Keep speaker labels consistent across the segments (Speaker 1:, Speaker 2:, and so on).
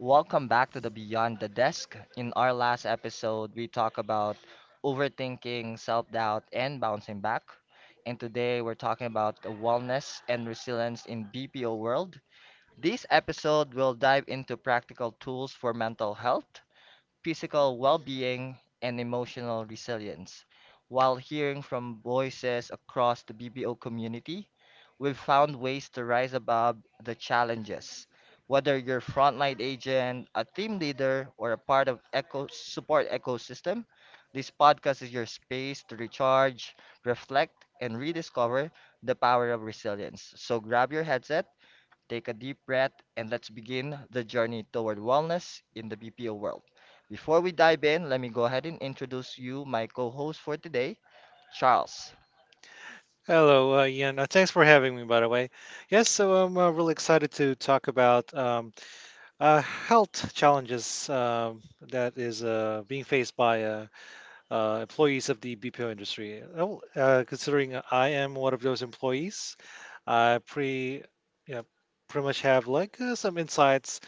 Speaker 1: Welcome back to the Beyond the Desk. In our last episode, we talked about overthinking, self doubt, and bouncing back. And today, we're talking about the wellness and resilience in BPO world. This episode will dive into practical tools for mental health, physical well being, and emotional resilience. While hearing from voices across the BBO community, we've found ways to rise above the challenges. Whether you're a frontline agent, a team leader, or a part of eco support ecosystem, this podcast is your space to recharge, reflect, and rediscover the power of resilience. So grab your headset. Take a deep breath and let's begin the journey toward wellness in the BPO world. Before we dive in, let me go ahead and introduce you my co-host for today, Charles.
Speaker 2: Hello, Ian. Thanks for having me, by the way. Yes, so I'm really excited to talk about health challenges that is being faced by employees of the BPO industry. Oh, considering I am one of those employees, I you know, pretty much have like some insights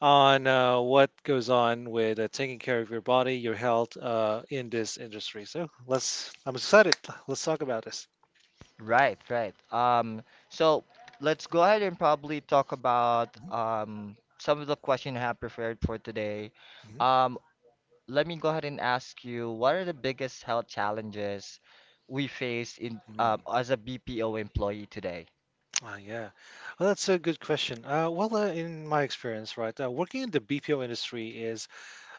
Speaker 2: on what goes on with taking care of your body, your health in this industry. So let's. I'm excited. Let's talk about this.
Speaker 1: Right, right. So let's go ahead and probably talk about some of the questions I have prepared for today.
Speaker 2: Mhm.
Speaker 1: Um, let me go ahead and ask you, what are the biggest health challenges we face in
Speaker 2: Mhm.
Speaker 1: as a BPO employee today?
Speaker 2: Ah, yeah. Well, that's a good question. In my experience, right, working in the BPO industry is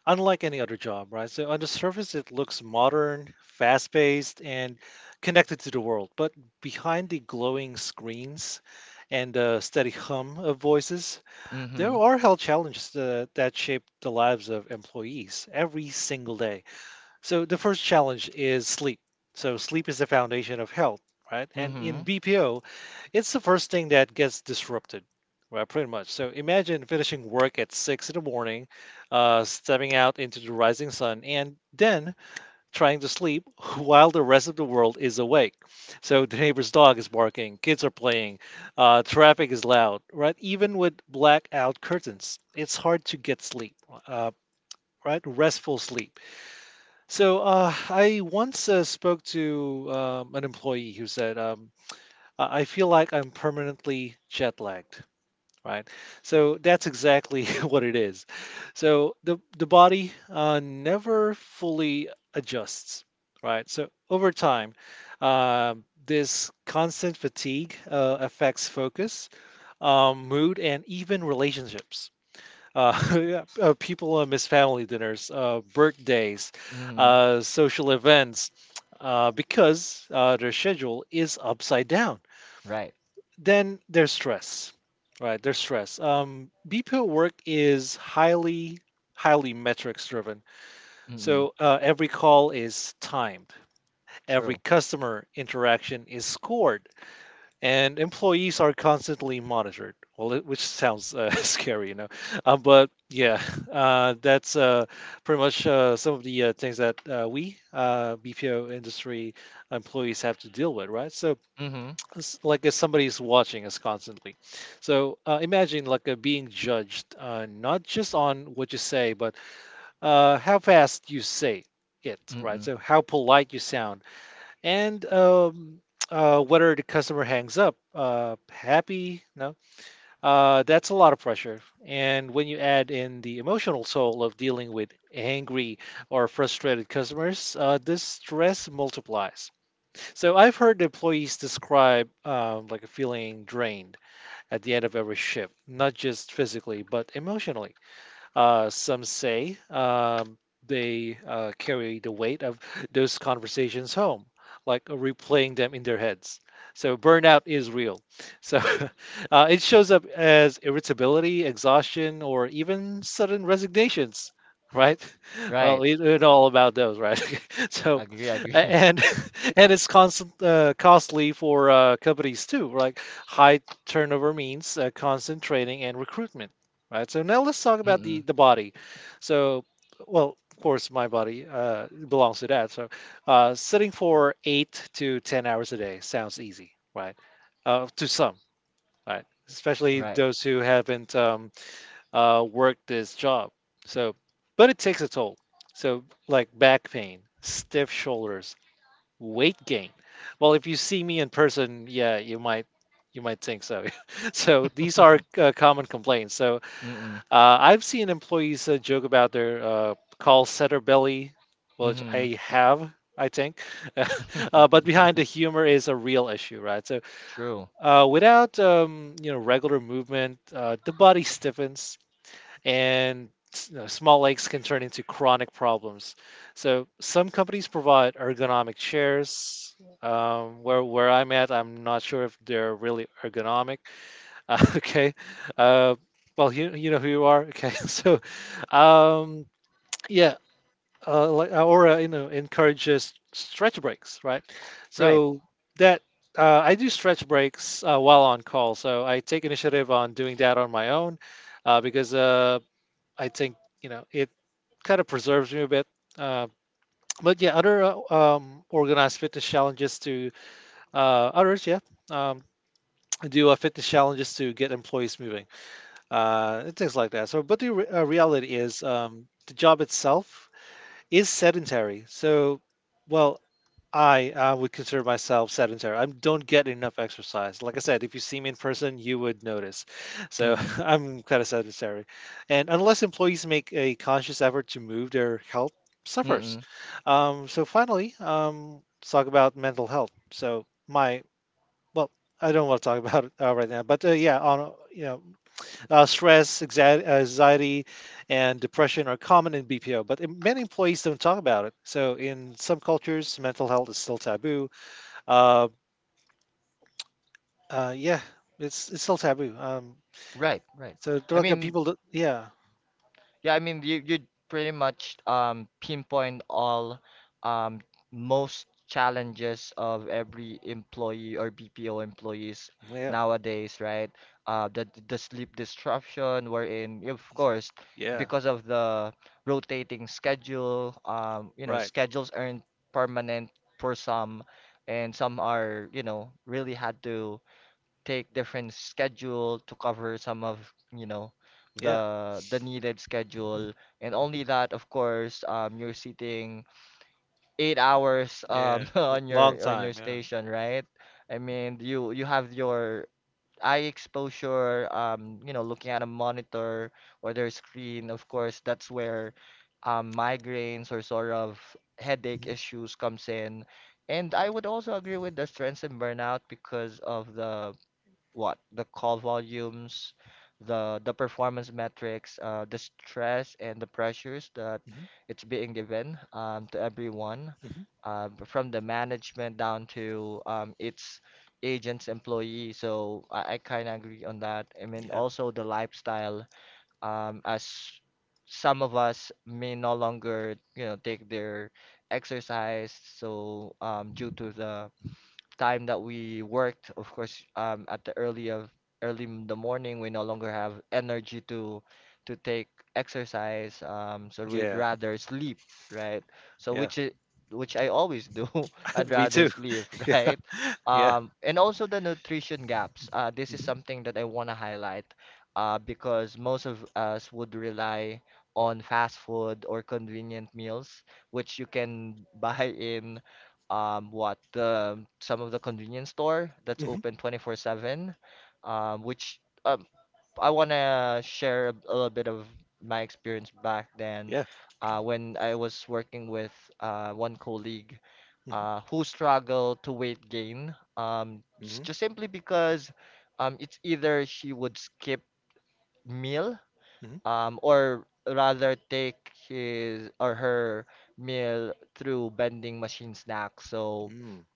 Speaker 2: unlike any other job, right? So on the surface, it looks modern, fast-paced, and connected to the world. But behind the glowing screens and the steady hum of voices, there
Speaker 1: Mm-hmm.
Speaker 2: are health challenges that shape the lives of employees every single day. So the first challenge is sleep. So sleep is the foundation of health, right? And in
Speaker 1: Mm-hmm.
Speaker 2: BPO, it's the first thing that gets disrupted, right? Pretty much. So imagine finishing work at six in the morning, stepping out into the rising sun, and then trying to sleep while the rest of the world is awake. So the neighbor's dog is barking, kids are playing, traffic is loud, right? Even with blackout curtains, it's hard to get sleep, uh, right? Restful sleep. I once spoke to an employee who said, "I feel like I'm permanently jet lagged." Right. So that's exactly what it is. So the body never fully adjusts. Right. So over time, this constant fatigue affects focus, mood, and even relationships, yeah, people miss family dinners, birthdays,
Speaker 1: Mm-hmm.
Speaker 2: social events because their schedule is upside down.
Speaker 1: Right.
Speaker 2: Then there's stress, right? There's stress. BPO work is highly, highly metrics driven.
Speaker 1: Mm-mm.
Speaker 2: So every call is timed, every
Speaker 1: True.
Speaker 2: customer interaction is scored, and employees are constantly monitored. Which sounds scary, you know. But yeah, that's pretty much some of the things that we BPO industry employees have to deal with, right? So,
Speaker 1: Mm-hmm.
Speaker 2: it's like if somebody's watching us constantly, so imagine like being judged not just on what you say, but how fast you say it, right?
Speaker 1: Mm-mm.
Speaker 2: So how polite you sound and whether the customer hangs up happy no that's a lot of pressure, and when you add in the emotional toll of dealing with angry or frustrated customers, this stress multiplies. So I've heard employees describe, like, a feeling drained at the end of every shift, not just physically but emotionally. Some say, they carry the weight of those conversations home, like replaying them in their heads. So burnout is real. So it shows up as irritability, exhaustion, or even sudden resignations. Right? Well,
Speaker 1: Right.
Speaker 2: we know all about those, right? So,
Speaker 1: Agree,
Speaker 2: a-
Speaker 1: agree.
Speaker 2: and and it's constant costly for companies too. Like high turnover means constant training and recruitment, right? So now let's talk about the
Speaker 1: Mm-mm.
Speaker 2: the body. So, well, of course, my body belongs to that. So, sitting for 8 to 10 hours a day sounds easy, right? To some, right? Especially
Speaker 1: Right.
Speaker 2: those who haven't worked this job. So, but it takes a toll. So, like back pain, stiff shoulders, weight gain. Well, if you see me in person, yeah, you might think so. So these are common complaints. So
Speaker 1: Mm-mm.
Speaker 2: I've seen employees joke about their call center belly, which
Speaker 1: Mm-hmm.
Speaker 2: I have, I think. But behind the humor is a real issue, right? So
Speaker 1: True.
Speaker 2: without, you know, regular movement, the body stiffens and, you know, small aches can turn into chronic problems. So some companies provide ergonomic chairs. Where I'm at, I'm not sure if they're really ergonomic, okay. Uh, well, you know who you are. Okay. So, um, yeah. Like Aura, you know, encourages stretch breaks, right?
Speaker 1: Right.
Speaker 2: So that, I do stretch breaks while on call. So I take initiative on doing that on my own, because I think, you know, it kind of preserves me a bit. Uh, but yeah, other organized fitness challenges to, others, yeah, um, do fitness challenges to get employees moving, and things like that. So, but the, reality is, the job itself is sedentary. So, well, I would consider myself sedentary. I don't get enough exercise. Like I said, if you see me in person, you would notice. So,
Speaker 1: Mm-mm.
Speaker 2: I'm kind of sedentary. And unless employees make a conscious effort to move, their health suffers.
Speaker 1: Mm-mm.
Speaker 2: So, finally, let's talk about mental health. So, well, I don't want to talk about it right now, but yeah, on, you know, stress, anxiety, and depression are common in BPO, but many employees don't talk about it. So in some cultures, mental health is still taboo. Uh, yeah, it's still taboo.
Speaker 1: Right, right.
Speaker 2: So
Speaker 1: I
Speaker 2: like,
Speaker 1: mean,
Speaker 2: people, yeah,
Speaker 1: yeah, I mean you pretty much pinpoint all um most challenges of every employee or BPO employees
Speaker 2: yeah,
Speaker 1: nowadays, right? The sleep disruption we're in, of course,
Speaker 2: yeah,
Speaker 1: because of the rotating schedule. You know,
Speaker 2: right,
Speaker 1: schedules aren't permanent for some, and some are, you know, really had to take different schedule to cover some of, you know,
Speaker 2: yeah,
Speaker 1: the needed schedule. And only that, of course, you're sitting 8 hours
Speaker 2: yeah,
Speaker 1: on
Speaker 2: Long
Speaker 1: your
Speaker 2: time, yeah,
Speaker 1: station, right? I mean, you have your eye exposure, you know, looking at a monitor or their screen. Of course, that's where migraines or sort of headache
Speaker 2: hmm
Speaker 1: issues comes in. And I would also agree with the stress and burnout because of the what the call volumes, the performance metrics, the stress and the pressures that
Speaker 2: hmm
Speaker 1: it's being given to everyone,
Speaker 2: hmm
Speaker 1: from the management down to its agents, employee. So I kind of agree on that. I mean,
Speaker 2: yeah,
Speaker 1: also the lifestyle, as some of us may no longer, you know, take their exercise. So due to the time that we worked, of course, at the early in the morning, we no longer have energy to take exercise. So we'd
Speaker 2: yeah,
Speaker 1: rather sleep, right? So
Speaker 2: yeah.
Speaker 1: which I always do. I'd
Speaker 2: We
Speaker 1: rather
Speaker 2: too,
Speaker 1: sleep,
Speaker 2: yeah,
Speaker 1: right?
Speaker 2: yeah,
Speaker 1: And also the nutrition gaps. This is
Speaker 2: hmm
Speaker 1: something that I want to highlight, because most of us would rely on fast food or convenient meals, which you can buy in what the some of the convenience store that's
Speaker 2: hmm
Speaker 1: open 24/7 which I want to share a little bit of my experience back then
Speaker 2: yeah,
Speaker 1: when I was working with one colleague
Speaker 2: hmm
Speaker 1: who struggled to weight gain
Speaker 2: hmm
Speaker 1: just simply because it's either she would skip meal
Speaker 2: hmm
Speaker 1: or rather take his or her meal through vending machine snacks so
Speaker 2: mm,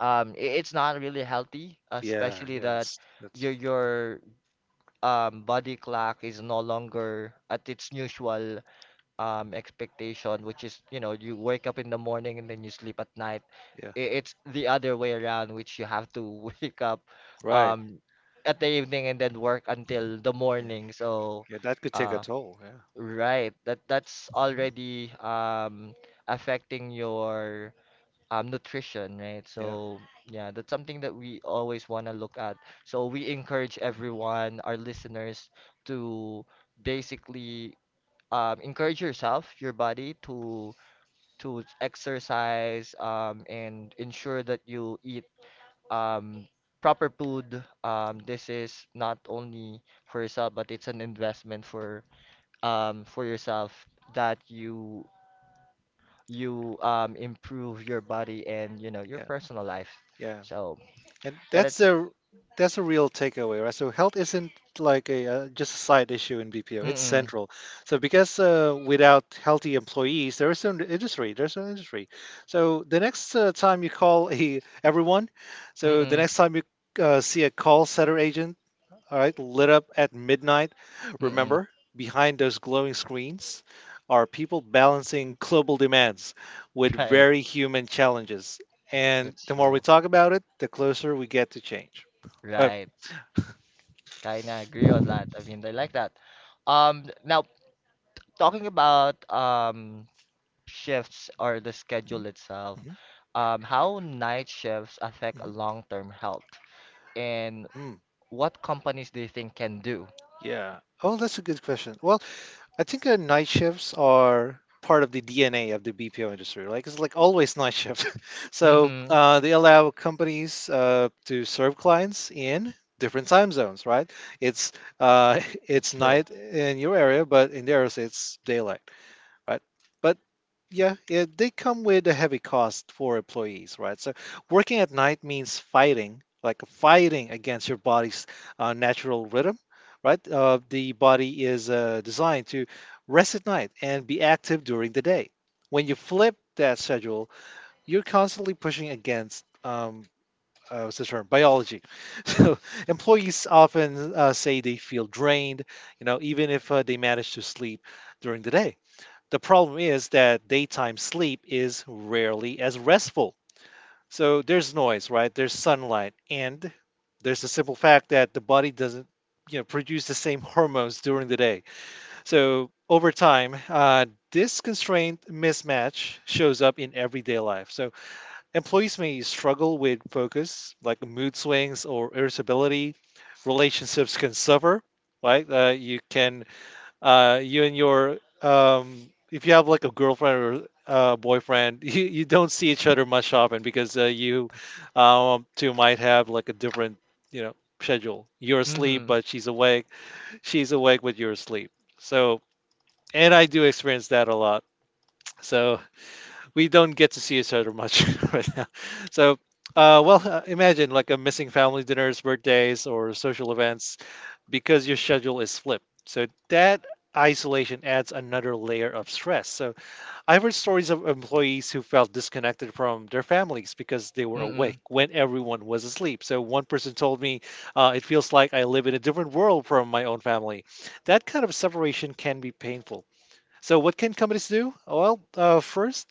Speaker 1: it's not really healthy
Speaker 2: yeah,
Speaker 1: especially
Speaker 2: yeah.
Speaker 1: that
Speaker 2: It's, that's,
Speaker 1: your body clock is no longer at its usual expectation which is you know you wake up in the morning and then you sleep at night.
Speaker 2: yeah.
Speaker 1: It's the other way around which you have to wake up
Speaker 2: Right.
Speaker 1: um at the evening and then work until the
Speaker 2: Yeah,
Speaker 1: morning so
Speaker 2: yeah, that could take a
Speaker 1: uh
Speaker 2: toll. Yeah,
Speaker 1: right that that's
Speaker 2: mhm,
Speaker 1: already affecting your nutrition, right?
Speaker 2: yeah,
Speaker 1: So, yeah, that's something that we always want to look at. So, we encourage
Speaker 2: mhm,
Speaker 1: everyone, our listeners, to basically encourage yourself, your body, to exercise and ensure that you eat um, proper food. This is not only for yourself, but it's an investment for yourself that you improve your body and you know your
Speaker 2: yeah,
Speaker 1: personal life.
Speaker 2: yeah.
Speaker 1: So
Speaker 2: And
Speaker 1: yeah,
Speaker 2: that's
Speaker 1: that's.
Speaker 2: a, that's a real takeaway, right? So health isn't like a, just a side issue in BPO. It's
Speaker 1: Mm-mm,
Speaker 2: central. So because, without healthy employees, there is an industry. There's an industry. So the next time you call a everyone, so the
Speaker 1: mm-mm,
Speaker 2: next time you see a call center agent, all right, lit up at midnight.
Speaker 1: mm-mm.
Speaker 2: Remember, behind those glowing screens are people balancing global demands with
Speaker 1: Right.
Speaker 2: very human challenges. And
Speaker 1: That's
Speaker 2: the more we
Speaker 1: true.
Speaker 2: talk about it, the closer we get to change. Uh,
Speaker 1: Right. Kinda agree on that. I mean, I like that. Now talking about shifts or the
Speaker 2: mhm,
Speaker 1: schedule itself,
Speaker 2: mhm,
Speaker 1: how night shifts affect
Speaker 2: mhm,
Speaker 1: long-term health, and
Speaker 2: mm,
Speaker 1: what companies do you think can do?
Speaker 2: yeah. Oh, that's a good question. Well, I think night shifts are part of the DNA of the BPO industry. Like it's like always night shift. So
Speaker 1: Mm-hmm.
Speaker 2: they allow companies to serve clients in different time zones, right? It's, uh,
Speaker 1: That's
Speaker 2: it's
Speaker 1: true.
Speaker 2: night in your area, but in theirs it's daylight, right? But yeah, yeah, they come with a heavy cost for employees, right? So working at night means fighting, like fighting against your body's natural rhythm, right? The body is designed to rest at night and be active during the day. When you flip that schedule, you're constantly pushing against, what's the term? Biology. So employees often say they feel drained, you know, even if they manage to sleep during the day. The problem is that daytime sleep is rarely as restful. So there's noise, right? There's sunlight, and there's the simple fact that the body doesn't, you know, produce the same hormones during the day. So over time, this constraint mismatch shows up in everyday life. So employees may struggle with focus, like mood swings or irritability. Relationships can suffer, right? You and your, if you have like a girlfriend or boyfriend, you don't see each other much often because, you, two might have like a different, you know, schedule. You're asleep,
Speaker 1: Mm-hmm.
Speaker 2: but she's awake. She's awake, but you're asleep. So, and I do experience that a lot. So we don't get to see each other much right now. So. Imagine like a, missing family dinners, birthdays, or social events because your schedule is flipped. So that isolation adds another layer of stress. So I've heard stories of employees who felt disconnected from their families because they were awake
Speaker 1: Mm-mm.
Speaker 2: when everyone was asleep. So one person told me, it feels like I live in a different world from my own family. That kind of separation can be painful. So what can companies do? Well, first,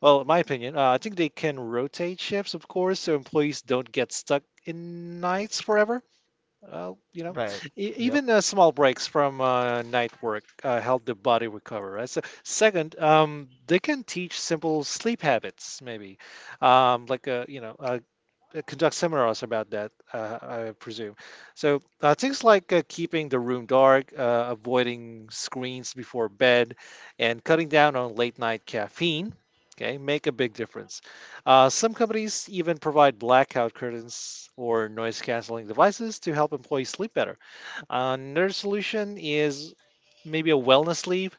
Speaker 2: well, in my opinion, I think they can rotate shifts, of course, so employees don't get stuck in nights forever. Well, you know,
Speaker 1: Right. Yep.
Speaker 2: even small breaks from night work help the body recover. Right? So, second, they can teach simple sleep habits, maybe, like, conduct seminars about that, I presume. So things like, keeping the room dark, avoiding screens before bed, and cutting down on late night caffeine. Okay, make a big difference. Some companies even provide blackout curtains or noise canceling devices to help employees sleep better. Another solution is maybe a wellness leave,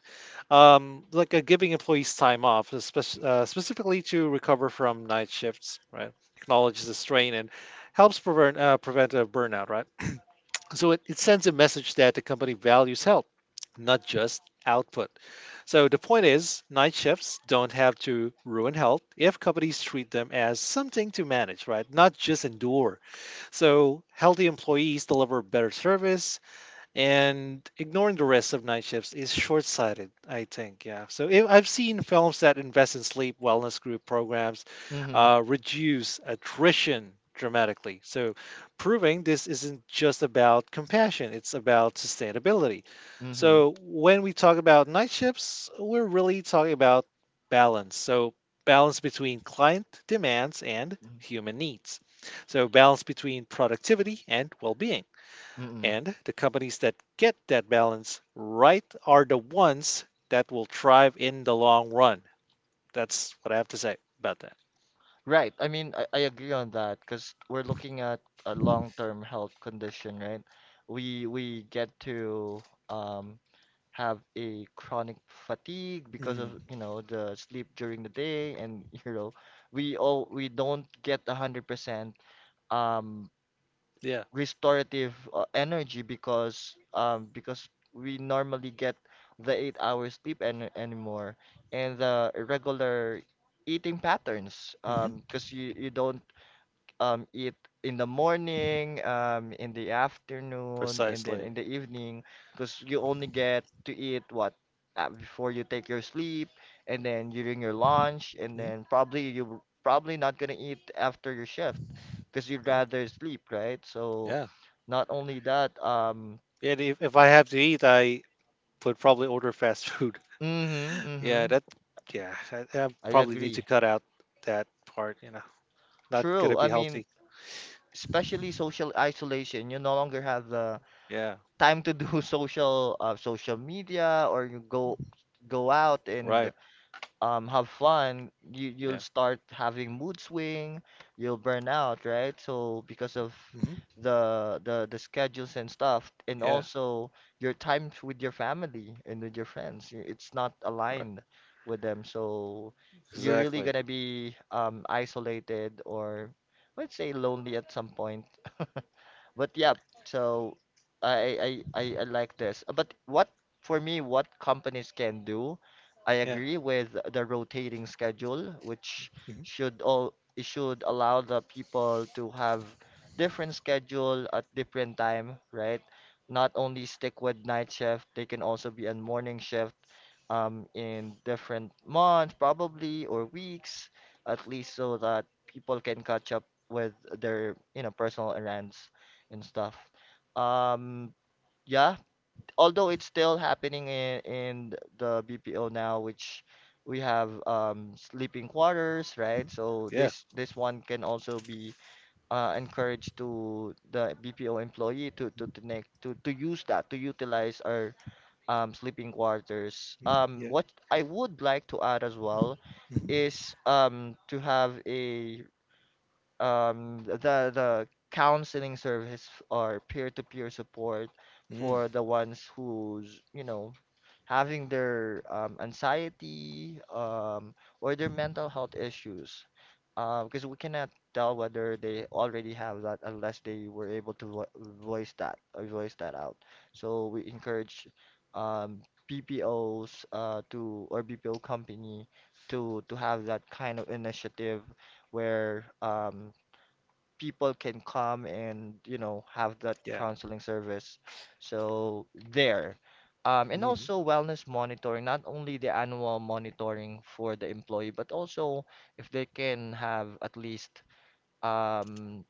Speaker 2: giving employees time off, especially specifically to recover from night shifts, right? Acknowledges the strain and helps prevent a burnout, right? So it sends a message that the company values health, not just output. So the point is, night shifts don't have to ruin health if companies treat them as something to manage, right? Not just endure. So healthy employees deliver better service, and ignoring the rest of night shifts is short-sighted, I think. Yeah, so if, I've seen films that invest in sleep wellness group programs,
Speaker 1: Mm-hmm.
Speaker 2: reduce attrition dramatically, so proving this isn't just about compassion, it's about sustainability.
Speaker 1: Mm-hmm.
Speaker 2: So when we talk about night shifts, we're really talking about balance. So balance between client demands and human needs. So balance between productivity and well-being.
Speaker 1: Mm-hmm.
Speaker 2: And the companies that get that balance right are the ones that will thrive in the long run. That's what I have to say about that.
Speaker 1: Right. I mean, I agree on that because we're looking at a long-term health condition, right? We get to um have a chronic fatigue because
Speaker 2: Mm,
Speaker 1: of, you know, the sleep during the day and, you know, we don't get a 100% um
Speaker 2: yeah,
Speaker 1: restorative energy because we normally get the 8 hours sleep anymore and the regular eating patterns
Speaker 2: hmm,
Speaker 1: because you don't eat in the morning, in the afternoon, and then
Speaker 2: precisely.
Speaker 1: in the evening, because you only get to eat what before you take your sleep, and then during your lunch, and
Speaker 2: Mm,
Speaker 1: then probably you probably not gonna eat after your shift, because you'd
Speaker 2: yeah,
Speaker 1: rather sleep, right? So,
Speaker 2: yeah.
Speaker 1: not only that,
Speaker 2: And if I have to eat, I would probably order fast food.
Speaker 1: mm-hmm, mm-hmm,
Speaker 2: Yeah, that, yeah, I
Speaker 1: I
Speaker 2: probably need to
Speaker 1: agree.
Speaker 2: cut out that part, you know, not
Speaker 1: True.
Speaker 2: gonna be
Speaker 1: I mean,
Speaker 2: healthy.
Speaker 1: especially social isolation, you no longer have the
Speaker 2: Yeah,
Speaker 1: time to do social social media or you go out and
Speaker 2: right.
Speaker 1: have fun, you you'll
Speaker 2: Yeah,
Speaker 1: start having mood swing, you'll burn out, right? So because of
Speaker 2: hmm,
Speaker 1: the schedules and stuff, and
Speaker 2: yeah,
Speaker 1: also your times with your family and with your friends, it's not
Speaker 2: right.
Speaker 1: aligned with them. So you're really
Speaker 2: Exactly.
Speaker 1: gonna be isolated or let's say lonely at some point but yeah, so I like this. But what for me, what companies can do, I
Speaker 2: Yeah,
Speaker 1: agree with the rotating schedule, which
Speaker 2: hmm,
Speaker 1: should all it should allow the people to have different schedule at different time, right? Not only stick with night shift, they can also be on morning shift in different months, probably, or weeks, at least so that people can catch up with their, you know, personal errands and stuff. Um, yeah, although it's still happening in the BPO now, which we have sleeping quarters, right?
Speaker 2: hmm,
Speaker 1: So
Speaker 2: yeah,
Speaker 1: this one can also be encouraged to the BPO employee to use that to utilize our sleeping quarters.
Speaker 2: mhm, yeah.
Speaker 1: What I would like to add as well
Speaker 2: Mhm.
Speaker 1: is to have a the counseling service or peer-to-peer support
Speaker 2: Mm.
Speaker 1: for the ones who's, you know, having their anxiety or their
Speaker 2: Mhm.
Speaker 1: mental health issues. Because we cannot tell whether they already have that unless they were able to vo voice that or voice that out. So we encourage um, BPOs to or BPO company to have that kind of initiative where people can come and you know have that
Speaker 2: Yeah.
Speaker 1: counseling service so there and
Speaker 2: Mhm.
Speaker 1: also wellness monitoring not only the annual monitoring for the employee but also if they can have at least um,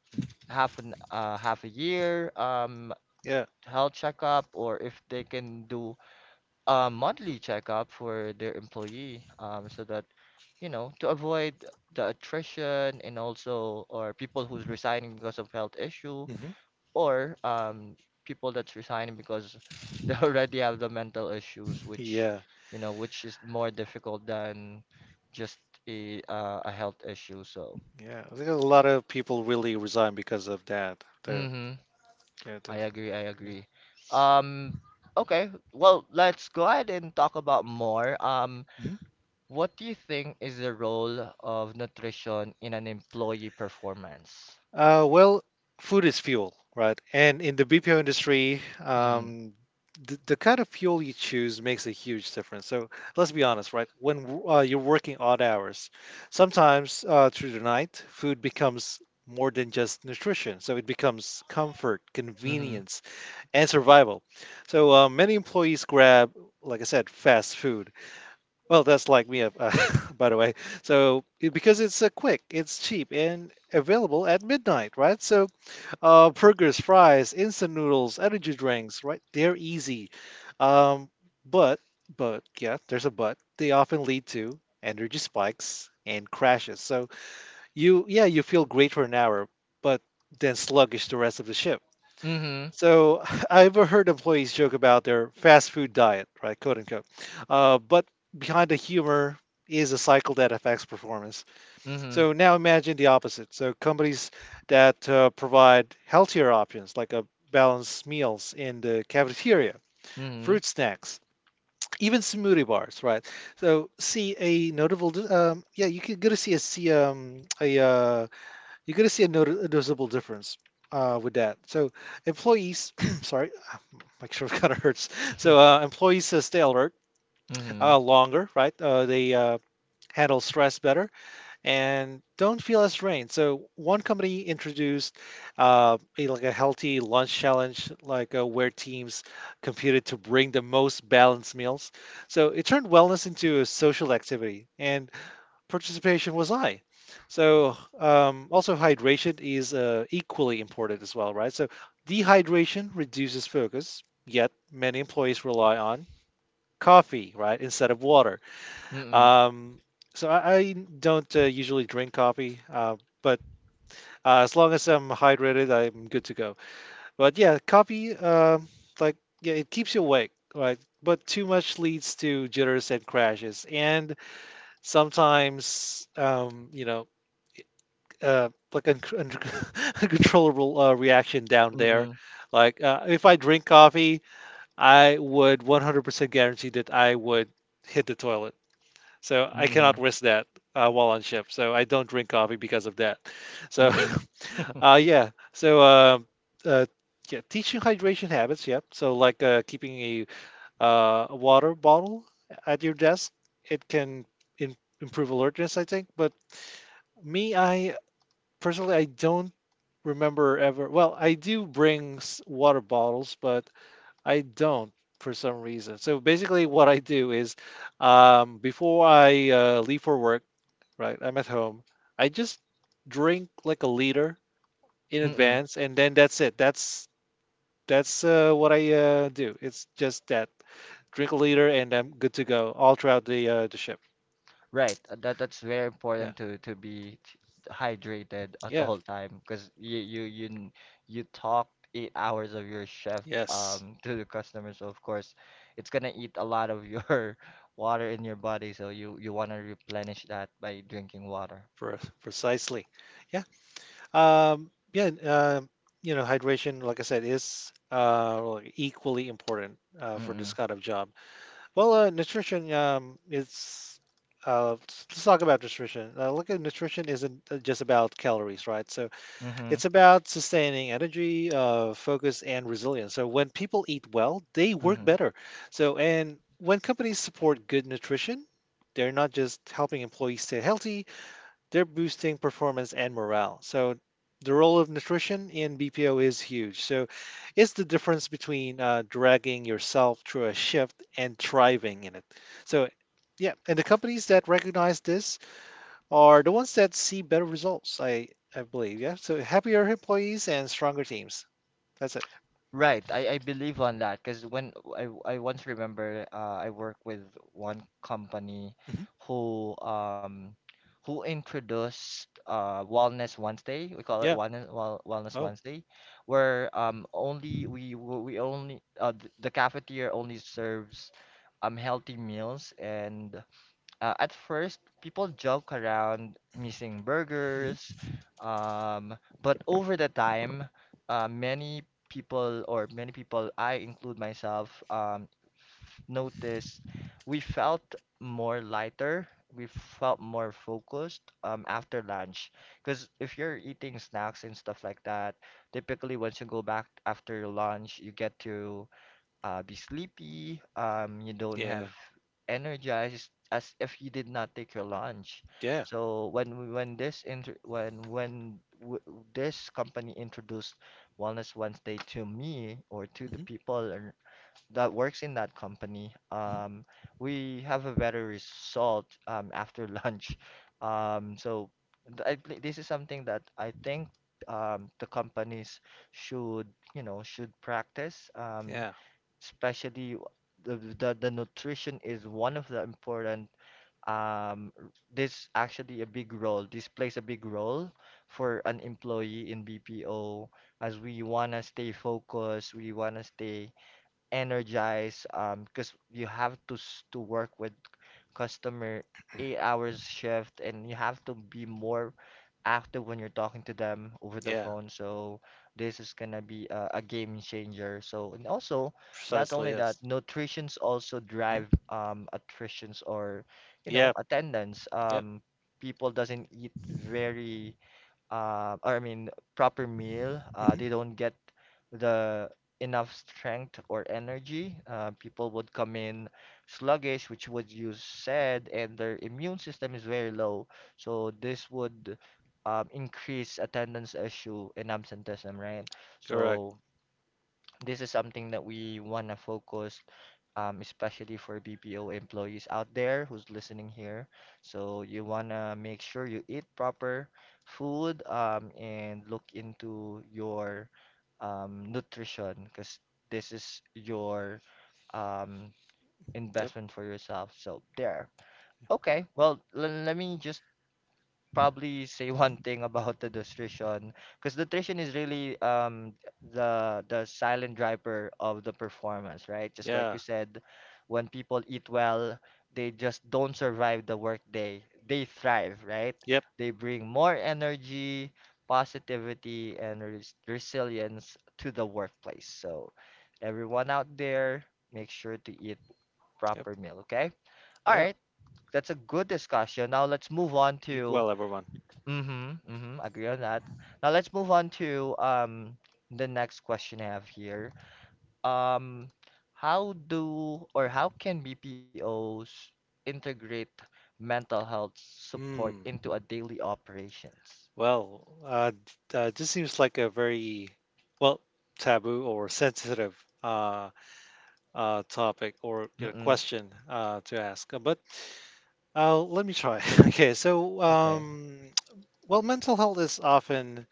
Speaker 1: half a year
Speaker 2: Yeah.
Speaker 1: health checkup or if they can do a monthly checkup for their employee, so that, you know, to avoid the attrition and also or people who's resigning because of health issue
Speaker 2: Hmm.
Speaker 1: or people that's resigning because they already have the mental issues, which,
Speaker 2: Yeah.
Speaker 1: you know, which is more difficult than just a health issue. So,
Speaker 2: Yeah. I think a lot of people really resign because of that. The
Speaker 1: mm-hmm,
Speaker 2: yeah, the
Speaker 1: I agree, I
Speaker 2: yeah.
Speaker 1: agree. Um, okay, well, let's go ahead and talk about more.
Speaker 2: Mhm.
Speaker 1: What do you think is the role of nutrition in an employee performance?
Speaker 2: Well, food is fuel, right? And in the BPO industry,
Speaker 1: Mhm.
Speaker 2: the kind of fuel you choose makes a huge difference. So let's be honest, right? You're working odd hours, sometimes through the night, food becomes more than just nutrition. So it becomes comfort,
Speaker 1: Mhm.
Speaker 2: convenience, and survival. So many employees grab, like I said, fast food. Well, that's like me, by the way. So because it's quick, it's cheap, and available at midnight, right? So burgers, fries, instant noodles, energy drinks, right? They're easy, um, but but yeah, there's a but. They often lead to energy spikes and crashes. So you feel great for an hour, but then sluggish the rest of the shift.
Speaker 1: Mhm.
Speaker 2: So I've heard employees joke about their fast food diet, right, quote unquote. But behind the humor is a cycle that affects performance.
Speaker 1: Mhm.
Speaker 2: So now imagine the opposite. So companies that provide healthier options, like a balanced meals in the cafeteria,
Speaker 1: Mhm.
Speaker 2: fruit snacks, even smoothie bars, right? So see a yeah, you could go to see a see a you're going to see a noticeable difference with that. So employees, sorry, make sure it kind of hurts. So employees stay alert
Speaker 1: Mhm.
Speaker 2: longer, right? They handle stress better and don't feel as drained. So one company introduced like a healthy lunch challenge, where teams competed to bring the most balanced meals. So it turned wellness into a social activity and participation was high. So also hydration is equally important as well, right? So dehydration reduces focus, yet many employees rely on coffee, right, instead of water.
Speaker 1: Mhm.
Speaker 2: Um, so I don't usually drink coffee, but as long as I'm hydrated, I'm good to go. But yeah, coffee, like yeah, it keeps you awake, right? But too much leads to jitters and crashes, and sometimes you know, like un- un- uncontrollable reaction down there.
Speaker 1: Mhm.
Speaker 2: If I drink coffee, I would 100% guarantee that I would hit the toilet. So I cannot
Speaker 1: Mhm.
Speaker 2: risk that while on ship. So I don't drink coffee because of that.
Speaker 1: Mhm.
Speaker 2: So
Speaker 1: Mhm.
Speaker 2: uh, yeah. So uh, uh, yeah, teaching hydration habits. Yep. So a water bottle at your desk, it can improve alertness, I think. But me, I personally, I don't remember ever. Well, I do bring water bottles, but I don't, for some reason. So basically, what I do is before I leave for work, right? I'm at home. I just drink like a liter in
Speaker 1: Mhm.
Speaker 2: advance, and then that's it. That's what I do. It's just that drink a liter, and I'm good to go all throughout the ship.
Speaker 1: Right, that's very
Speaker 2: Yeah,
Speaker 1: important to be hydrated at
Speaker 2: yeah,
Speaker 1: all time because you you talk 8 hours of your shift
Speaker 2: yes,
Speaker 1: to the customer, so of course it's gonna eat a lot of your water in your body, so you wanna replenish that by drinking water.
Speaker 2: pre- precisely. Yeah, and, you know, hydration, like I said, is like, equally important for this
Speaker 1: Mm-mm.
Speaker 2: kind of job. Well, nutrition is. Let's let's talk about nutrition. Look at nutrition isn't just about calories, right? So
Speaker 1: Mm-hmm.
Speaker 2: it's about sustaining energy, focus, and resilience. So when people eat well, they work
Speaker 1: Mm-hmm.
Speaker 2: better. So and when companies support good nutrition, they're not just helping employees stay healthy, they're boosting performance and morale. So the role of nutrition in BPO is huge. So it's the difference between dragging yourself through a shift and thriving in it. So yeah, and the companies that recognize this are the ones that see better results. I believe, yeah. So happier employees and stronger teams. That's it.
Speaker 1: Right, I believe on that because when I once remember I work with one company
Speaker 2: Hmm.
Speaker 1: who um who introduced Wellness Wednesday, we call it
Speaker 2: Yeah.
Speaker 1: Wellness
Speaker 2: Oh.
Speaker 1: Wednesday, where only we only the cafeteria only serves healthy meals and at first, people joke around missing
Speaker 2: Hmm.
Speaker 1: burgers, um, but over the time, many people, I include myself, noticed we felt more lighter. We felt more focused after lunch. Because if you're eating snacks and stuff like that, typically once you go back after lunch, you get to be sleepy. You don't
Speaker 2: Yeah.
Speaker 1: have energized as if you did not take your lunch.
Speaker 2: Yeah.
Speaker 1: So when when this inter when w this company introduced Wellness Wednesday to me or to the
Speaker 2: Hmm.
Speaker 1: people that works in that company,
Speaker 2: Hmm.
Speaker 1: we have a better result after lunch. So this is something that I think the companies should should practice.
Speaker 2: Yeah.
Speaker 1: Especially the nutrition is one of the important this actually a big role, this plays a big role for an employee in BPO, as we want to stay focused, we want to stay energized, because you have to to work with customer 8 hours shift and you have to be more active when you're talking to them over the
Speaker 2: Yeah.
Speaker 1: phone. So this is gonna be a game changer. So and also not
Speaker 2: Precisely.
Speaker 1: only that,
Speaker 2: Yes.
Speaker 1: nutritions also
Speaker 2: Hmm.
Speaker 1: drive attritions or
Speaker 2: Yeah.
Speaker 1: attendance.
Speaker 2: Yep.
Speaker 1: People doesn't eat very or I mean, proper meal.
Speaker 2: Hmm.
Speaker 1: They don't get the enough strength or energy. People would come in sluggish, which would use said, and their immune system is very low. So this would increase attendance issue and absenteeism, right?
Speaker 2: Correct.
Speaker 1: So this is something that we want to focus, especially for BPO employees out there who's listening here. So you want to make sure you eat proper food, and look into your nutrition, because this is your um,
Speaker 2: Yep.
Speaker 1: investment for yourself. So there. Okay. Well, let me just probably say one
Speaker 2: Yep.
Speaker 1: thing about the nutrition, because nutrition is really the silent driver of the performance, right? Just like you
Speaker 2: Yeah.
Speaker 1: said, when people eat well, they just don't survive the workday. They thrive, right?
Speaker 2: Yep.
Speaker 1: They bring more energy, positivity, and resilience to the workplace. So everyone out there, make sure to eat
Speaker 2: Yep.
Speaker 1: proper meal, okay? All
Speaker 2: Yep.
Speaker 1: right, that's a good discussion. Now let's move on
Speaker 2: Eat
Speaker 1: to.
Speaker 2: well, everyone.
Speaker 1: Mm-hmm, mm-hmm, agree on that. Now let's move on to the next question I have here. Um, how do or how can BPOs integrate mental health support
Speaker 2: Hmm.
Speaker 1: into a daily operations?
Speaker 2: Well, this seems like a very, well, taboo or sensitive, uh, topic, or you know,
Speaker 1: Mm-mm,
Speaker 2: question to ask. But let me try. Okay.
Speaker 1: okay.
Speaker 2: Well, mental health is often,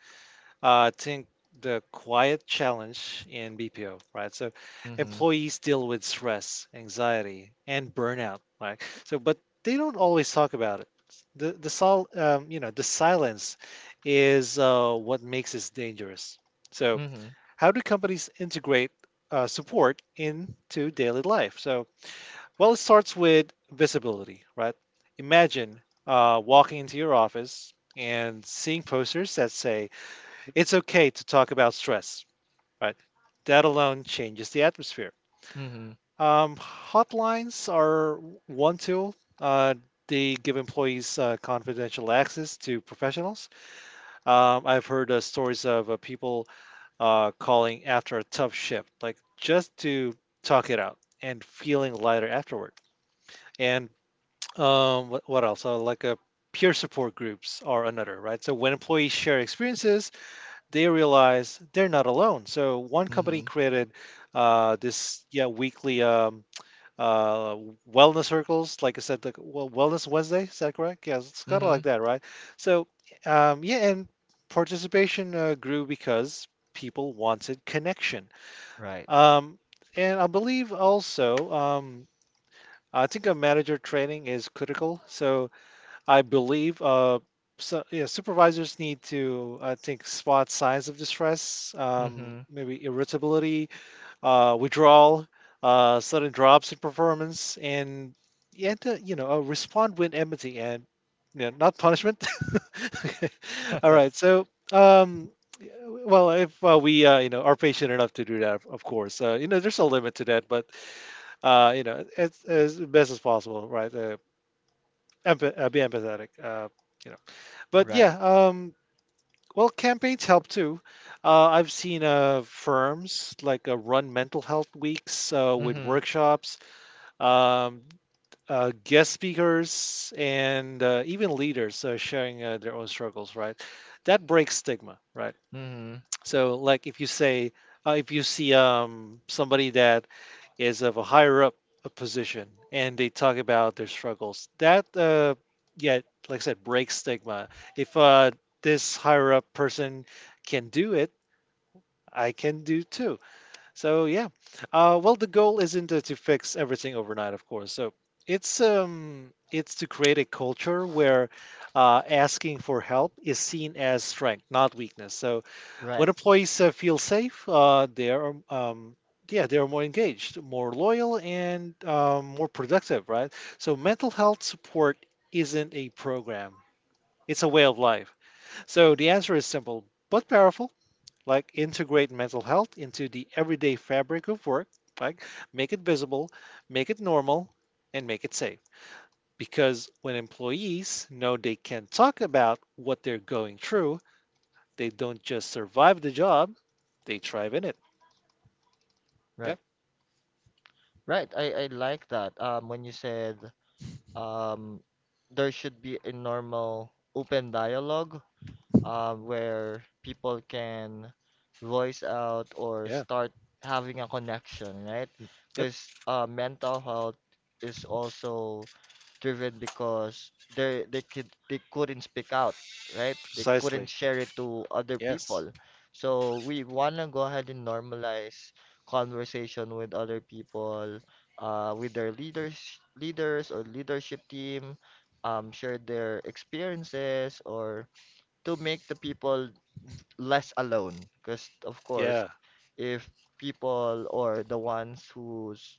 Speaker 2: I think, the quiet challenge in BPO, right? So
Speaker 1: Mm-hmm,
Speaker 2: employees deal with stress, anxiety, and burnout, right? So, but they don't always talk about it. The sol You know, the silence is what makes it dangerous. So,
Speaker 1: mm-hmm,
Speaker 2: how do companies integrate support into daily life? So, well, it starts with visibility, right? Imagine walking into your office and seeing posters that say, it's okay to talk about stress, right? That alone changes the atmosphere.
Speaker 1: mm-hmm,
Speaker 2: Hotlines are one tool. Uh, they give employees confidential access to professionals. I've heard stories of people calling after a tough shift, like just to talk it out and feeling lighter afterward. And what else? Like a peer support groups are another, right? So when employees share experiences, they realize they're not alone. So one company
Speaker 1: mm-hmm,
Speaker 2: created this yeah weekly uh, wellness circles, like I said, the Wellness Wednesday. Is that correct? Yeah, it's kind of
Speaker 1: mm-hmm,
Speaker 2: like that, right? So yeah, and participation grew because people wanted connection.
Speaker 1: right.
Speaker 2: Um, and I believe also, I think a manager training is critical. So I believe, yeah, supervisors need to, I think, spot signs of distress,
Speaker 1: Mm-hmm,
Speaker 2: maybe irritability, withdrawal, sudden drops in performance, and yeah, to, you know, respond with empathy and yeah, not punishment. Okay. All right, so yeah, well, if we you know are patient enough to do that, of course, you know, there's a limit to that, but you know, it's as best as possible, right? Be empathetic. You know, but yeah,
Speaker 1: right.
Speaker 2: um, well, campaigns help too. I've seen firms run mental health weeks with
Speaker 1: Mm-hmm,
Speaker 2: workshops, um, guest speakers, and even leaders sharing their own struggles. Right, that breaks stigma. Right.
Speaker 1: mm-hmm,
Speaker 2: So, like, if you say, if you see somebody that is of a higher up a position and they talk about their struggles. That Yeah, like I said, breaks stigma. If this higher up person can do it, I can do too. So yeah. Well, the goal isn't to fix everything overnight, of course. So it's to create a culture where asking for help is seen as strength, not weakness. So when
Speaker 1: right,
Speaker 2: employees feel safe, they are yeah they are more engaged, more loyal, and more productive, right? So mental health support isn't a program; it's a way of life. So the answer is simple but powerful. Like integrate mental health into the everyday fabric of work. Like make it visible, make it normal, and make it safe. Because when employees know they can talk about what they're going through, they don't just survive the job, they thrive in it. Yeah.
Speaker 1: right, right. I like that. When you said. um, there should be a normal open dialogue
Speaker 2: Mhm.
Speaker 1: where people can voice out or
Speaker 2: Yeah.
Speaker 1: start having a connection, right?
Speaker 2: Mm. Yep.
Speaker 1: Because mental health is also driven because they couldn't speak out, right? They couldn't
Speaker 2: Precisely.
Speaker 1: share it to other
Speaker 2: Yes.
Speaker 1: people. So we wanna go ahead and normalize conversation with other people, with their leaders or leadership team, share their experiences or to make the people less alone, because of course,
Speaker 2: Yeah.
Speaker 1: if people or the ones who's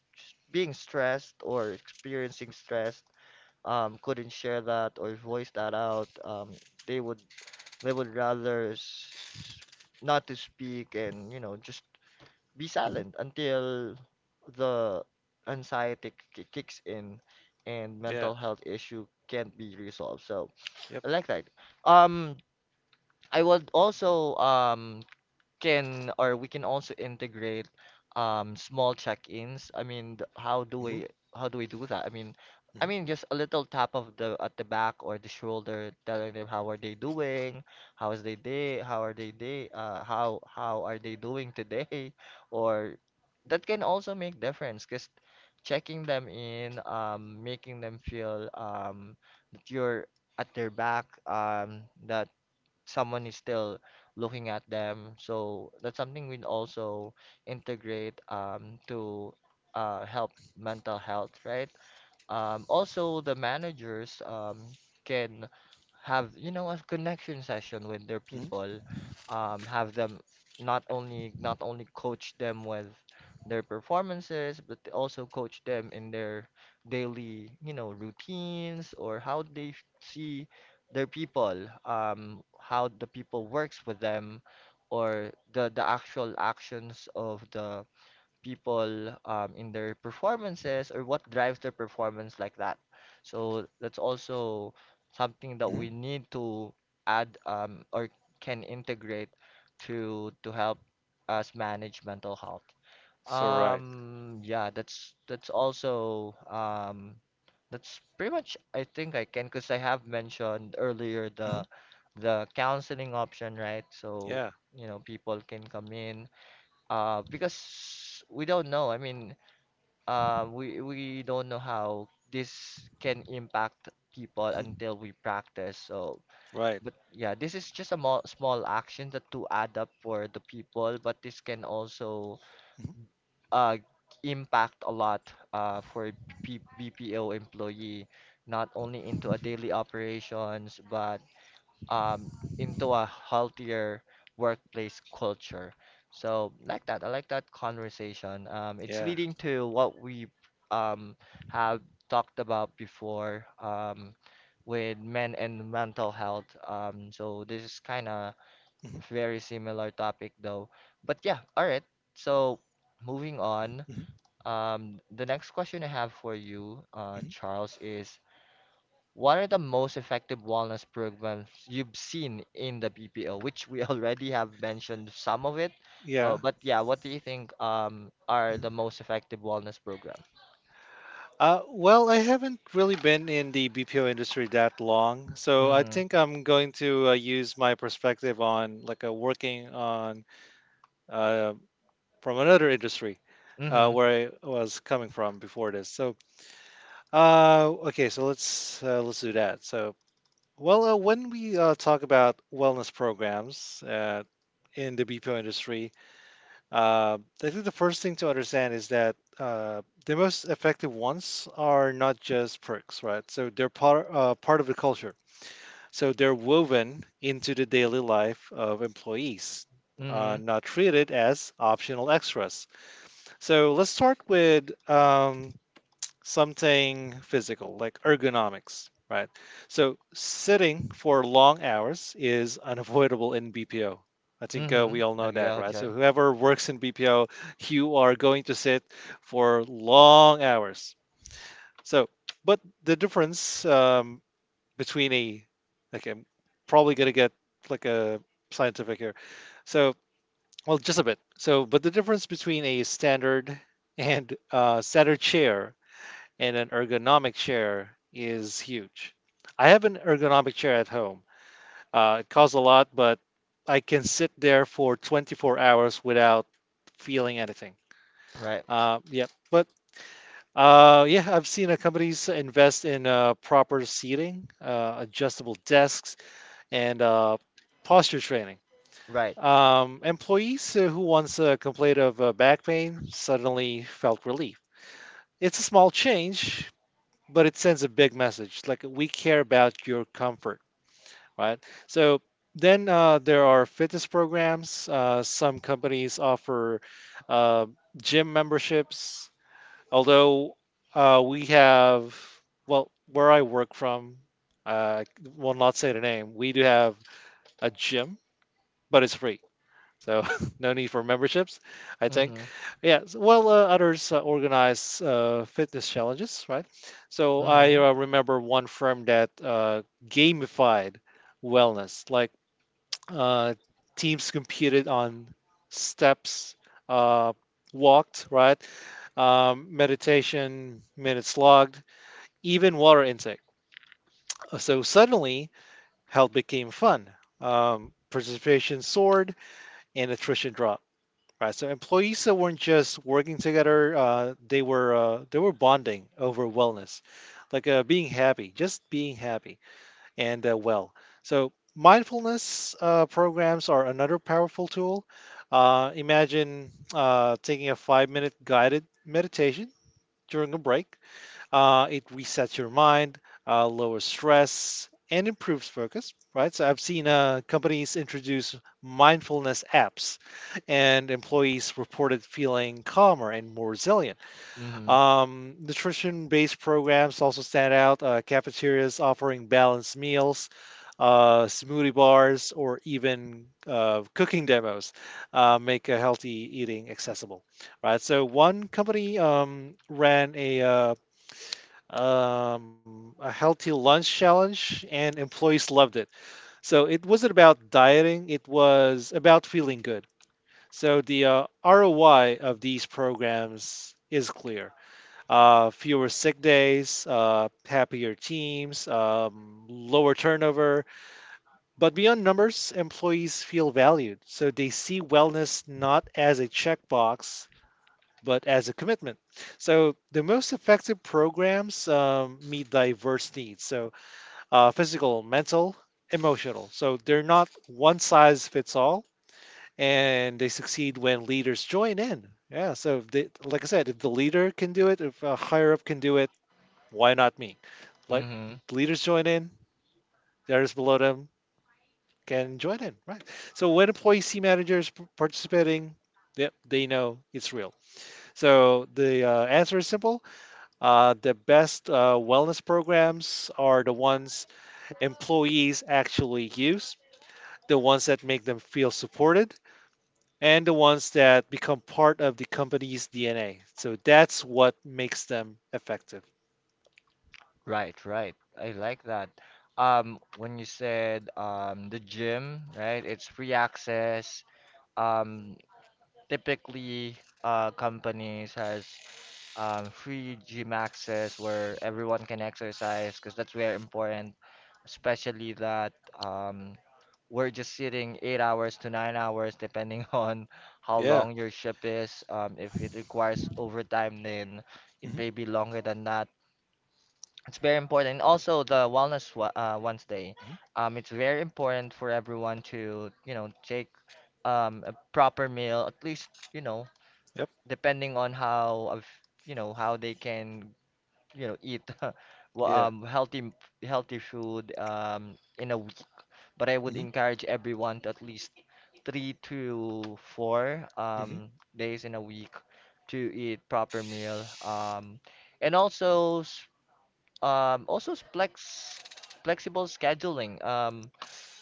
Speaker 1: being stressed or experiencing stress couldn't share that or voice that out, they would, rather not to speak and just be
Speaker 2: Hmm.
Speaker 1: silent until the anxiety kicks in and
Speaker 2: Yeah.
Speaker 1: mental health issue can't be resolved. So
Speaker 2: Yep.
Speaker 1: I like that. um I would also can, or we can also integrate small check-ins. I mean, how do
Speaker 2: Hmm.
Speaker 1: we, how do we do that? I mean, I
Speaker 2: Hmm.
Speaker 1: mean, just a little tap of the at the back or the shoulder, telling them how are they doing, how is they day, how are they day, how are they doing today or that can also make difference because checking them in, making them feel that you're at their back, that someone is still looking at them. So that's something we also integrate, to help mental health, right? Also, the managers can have, you know, a connection session with their
Speaker 2: Hmm.
Speaker 1: people, have them not only coach them with their performances, but they also coach them in their daily, you know, routines or how they see their people, how the people works with them, or the actual actions of the people in their performances or what drives their performance like that. So that's also something that
Speaker 2: Hmm.
Speaker 1: we need to add or can integrate to help us manage mental health.
Speaker 2: So right.
Speaker 1: Yeah, that's also that's pretty much I think I can, because I have mentioned earlier
Speaker 2: Hmm.
Speaker 1: the counseling option, right? So,
Speaker 2: Yeah.
Speaker 1: you know, people can come in because we don't know, I mean, we don't know how this can impact people
Speaker 2: Hmm.
Speaker 1: until we practice. So
Speaker 2: Right.
Speaker 1: but yeah, this is just a mo small action that to add up for the people, but this can also
Speaker 2: Hmm.
Speaker 1: uh impact a lot for P BPO employee, not only into a daily operations, but um, into a healthier workplace culture. So like that, I like that conversation. It's
Speaker 2: Yeah.
Speaker 1: leading to what we um, have talked about before, with men and mental health. So this is kind of
Speaker 2: Hmm.
Speaker 1: very similar topic though. But yeah, all right. So moving on,
Speaker 2: Hmm.
Speaker 1: the next question I have for you,
Speaker 2: Hmm.
Speaker 1: Charles, is what are the most effective wellness programs you've seen in the BPO, which we already have mentioned some of it.
Speaker 2: Yeah.
Speaker 1: But yeah, what do you think are
Speaker 2: Mhm.
Speaker 1: the most effective wellness program?
Speaker 2: Well, I haven't really been in the BPO industry that long, so I
Speaker 1: Mm-hmm.
Speaker 2: think I'm going to use my perspective on working on, uh, from another industry
Speaker 1: Mm-hmm.
Speaker 2: where I was coming from before this. So okay, so let's do that. So, when we talk about wellness programs in the BPO industry, I think the first thing to understand is that the most effective ones are not just perks, right? So they're part of the culture. So they're woven into the daily life of employees,
Speaker 1: Mm-hmm.
Speaker 2: not treated as optional extras. So let's start with something physical like ergonomics, right? So sitting for long hours is unavoidable in BPO. I think
Speaker 1: Mm-hmm.
Speaker 2: we all
Speaker 1: I
Speaker 2: know
Speaker 1: agree
Speaker 2: that,
Speaker 1: with
Speaker 2: right? So
Speaker 1: John.
Speaker 2: whoever works in BPO, you are going to sit for long hours. So, but the difference between a, like I'm probably gonna get like a scientific here. So, well, just a bit. So, but the difference between a standard and standard chair and an ergonomic chair is huge. I have an ergonomic chair at home. It costs a lot, but I can sit there for 24 hours without feeling anything.
Speaker 1: Right.
Speaker 2: Uh, yeah, but yeah, I've seen companies invest in proper seating, adjustable desks, and posture training.
Speaker 1: Right.
Speaker 2: Employees who once complained of back pain suddenly felt relief. It's a small change, but it sends a big message like we care about your comfort, right? So then there are fitness programs. Some companies offer uh, gym memberships, although we have, well, where I work from, I will not say the name, we do have a gym, but it's free. So no need for memberships, I think.
Speaker 1: Mm-hmm.
Speaker 2: Yes. Well, others organize fitness challenges, right? So I
Speaker 1: Mm-hmm.
Speaker 2: remember one firm that gamified wellness. Uh, Teams competed on steps, uh, walked, right? Meditation, minutes logged, even water intake. So suddenly, health became fun. Participation soared and attrition dropped. Right. So employees that weren't just working together, they were bonding over wellness, like just being happy and well. So mindfulness programs are another powerful tool. Imagine taking a 5 minute guided meditation during a break. It resets your mind, lowers stress, and improves focus, right? So I've seen companies introduce mindfulness apps, and employees reported feeling calmer and more resilient.
Speaker 1: Mm-hmm.
Speaker 2: Nutrition based programs also stand out. Cafeterias offering balanced meals, smoothie bars, or even cooking demos make healthy eating accessible, right? So one company ran a healthy lunch challenge, and employees loved it. So it wasn't about dieting, it was about feeling good. So the ROI of these programs is clear. Fewer sick days, happier teams, lower turnover. But beyond numbers, employees feel valued. So they see wellness not as a checkbox, but as a commitment. So the most effective programs meet diverse needs. So physical, mental, emotional. So they're not one size fits all, and they succeed when leaders join in. Yeah. So they, like I said, if the leader can do it, if a higher up can do it, why not me? Like,
Speaker 1: Mm-hmm.
Speaker 2: leaders join in, theirs below them can join in. Right. So when employees see managers participating. Yep, they know it's real. So the answer is simple. The best wellness programs are the ones employees actually use, the ones that make them feel supported, and the ones that become part of the company's DNA. So that's what makes them effective.
Speaker 1: Right, right. I like that. When you said the gym, right? It's free access. Um, Typically companies has free gym access where everyone can exercise, because that's very important, especially that um, we're just sitting 8 hours to 9 hours depending on how
Speaker 2: Yeah.
Speaker 1: long your shift is. If it requires overtime, then it
Speaker 2: Hmm.
Speaker 1: may be longer than that. It's very important. Also, the Wednesday.
Speaker 2: Hmm.
Speaker 1: It's very important for everyone to, you know, take a proper meal, at least, you know,
Speaker 2: Yep.
Speaker 1: depending on how, you know, how they can eat well,
Speaker 2: Yeah.
Speaker 1: healthy healthy food in a week, but I would
Speaker 2: Hmm.
Speaker 1: encourage everyone to at least three to four
Speaker 2: Hmm.
Speaker 1: days in a week to eat proper meal, and also um also s- flex flexible scheduling,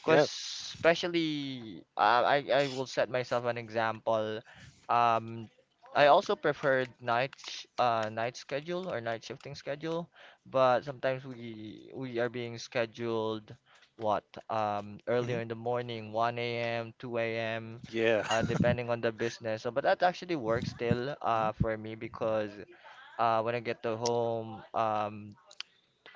Speaker 1: because
Speaker 2: Yeah.
Speaker 1: especially, I will set myself an example. Um, I also preferred night schedule or night shifting schedule, but sometimes we are being scheduled what earlier
Speaker 2: Hmm.
Speaker 1: in the morning, 1 a.m., 2 a.m.,
Speaker 2: Yeah.
Speaker 1: depending on the business. So, but that actually works still
Speaker 2: Hmm.
Speaker 1: for me, because when I get to home,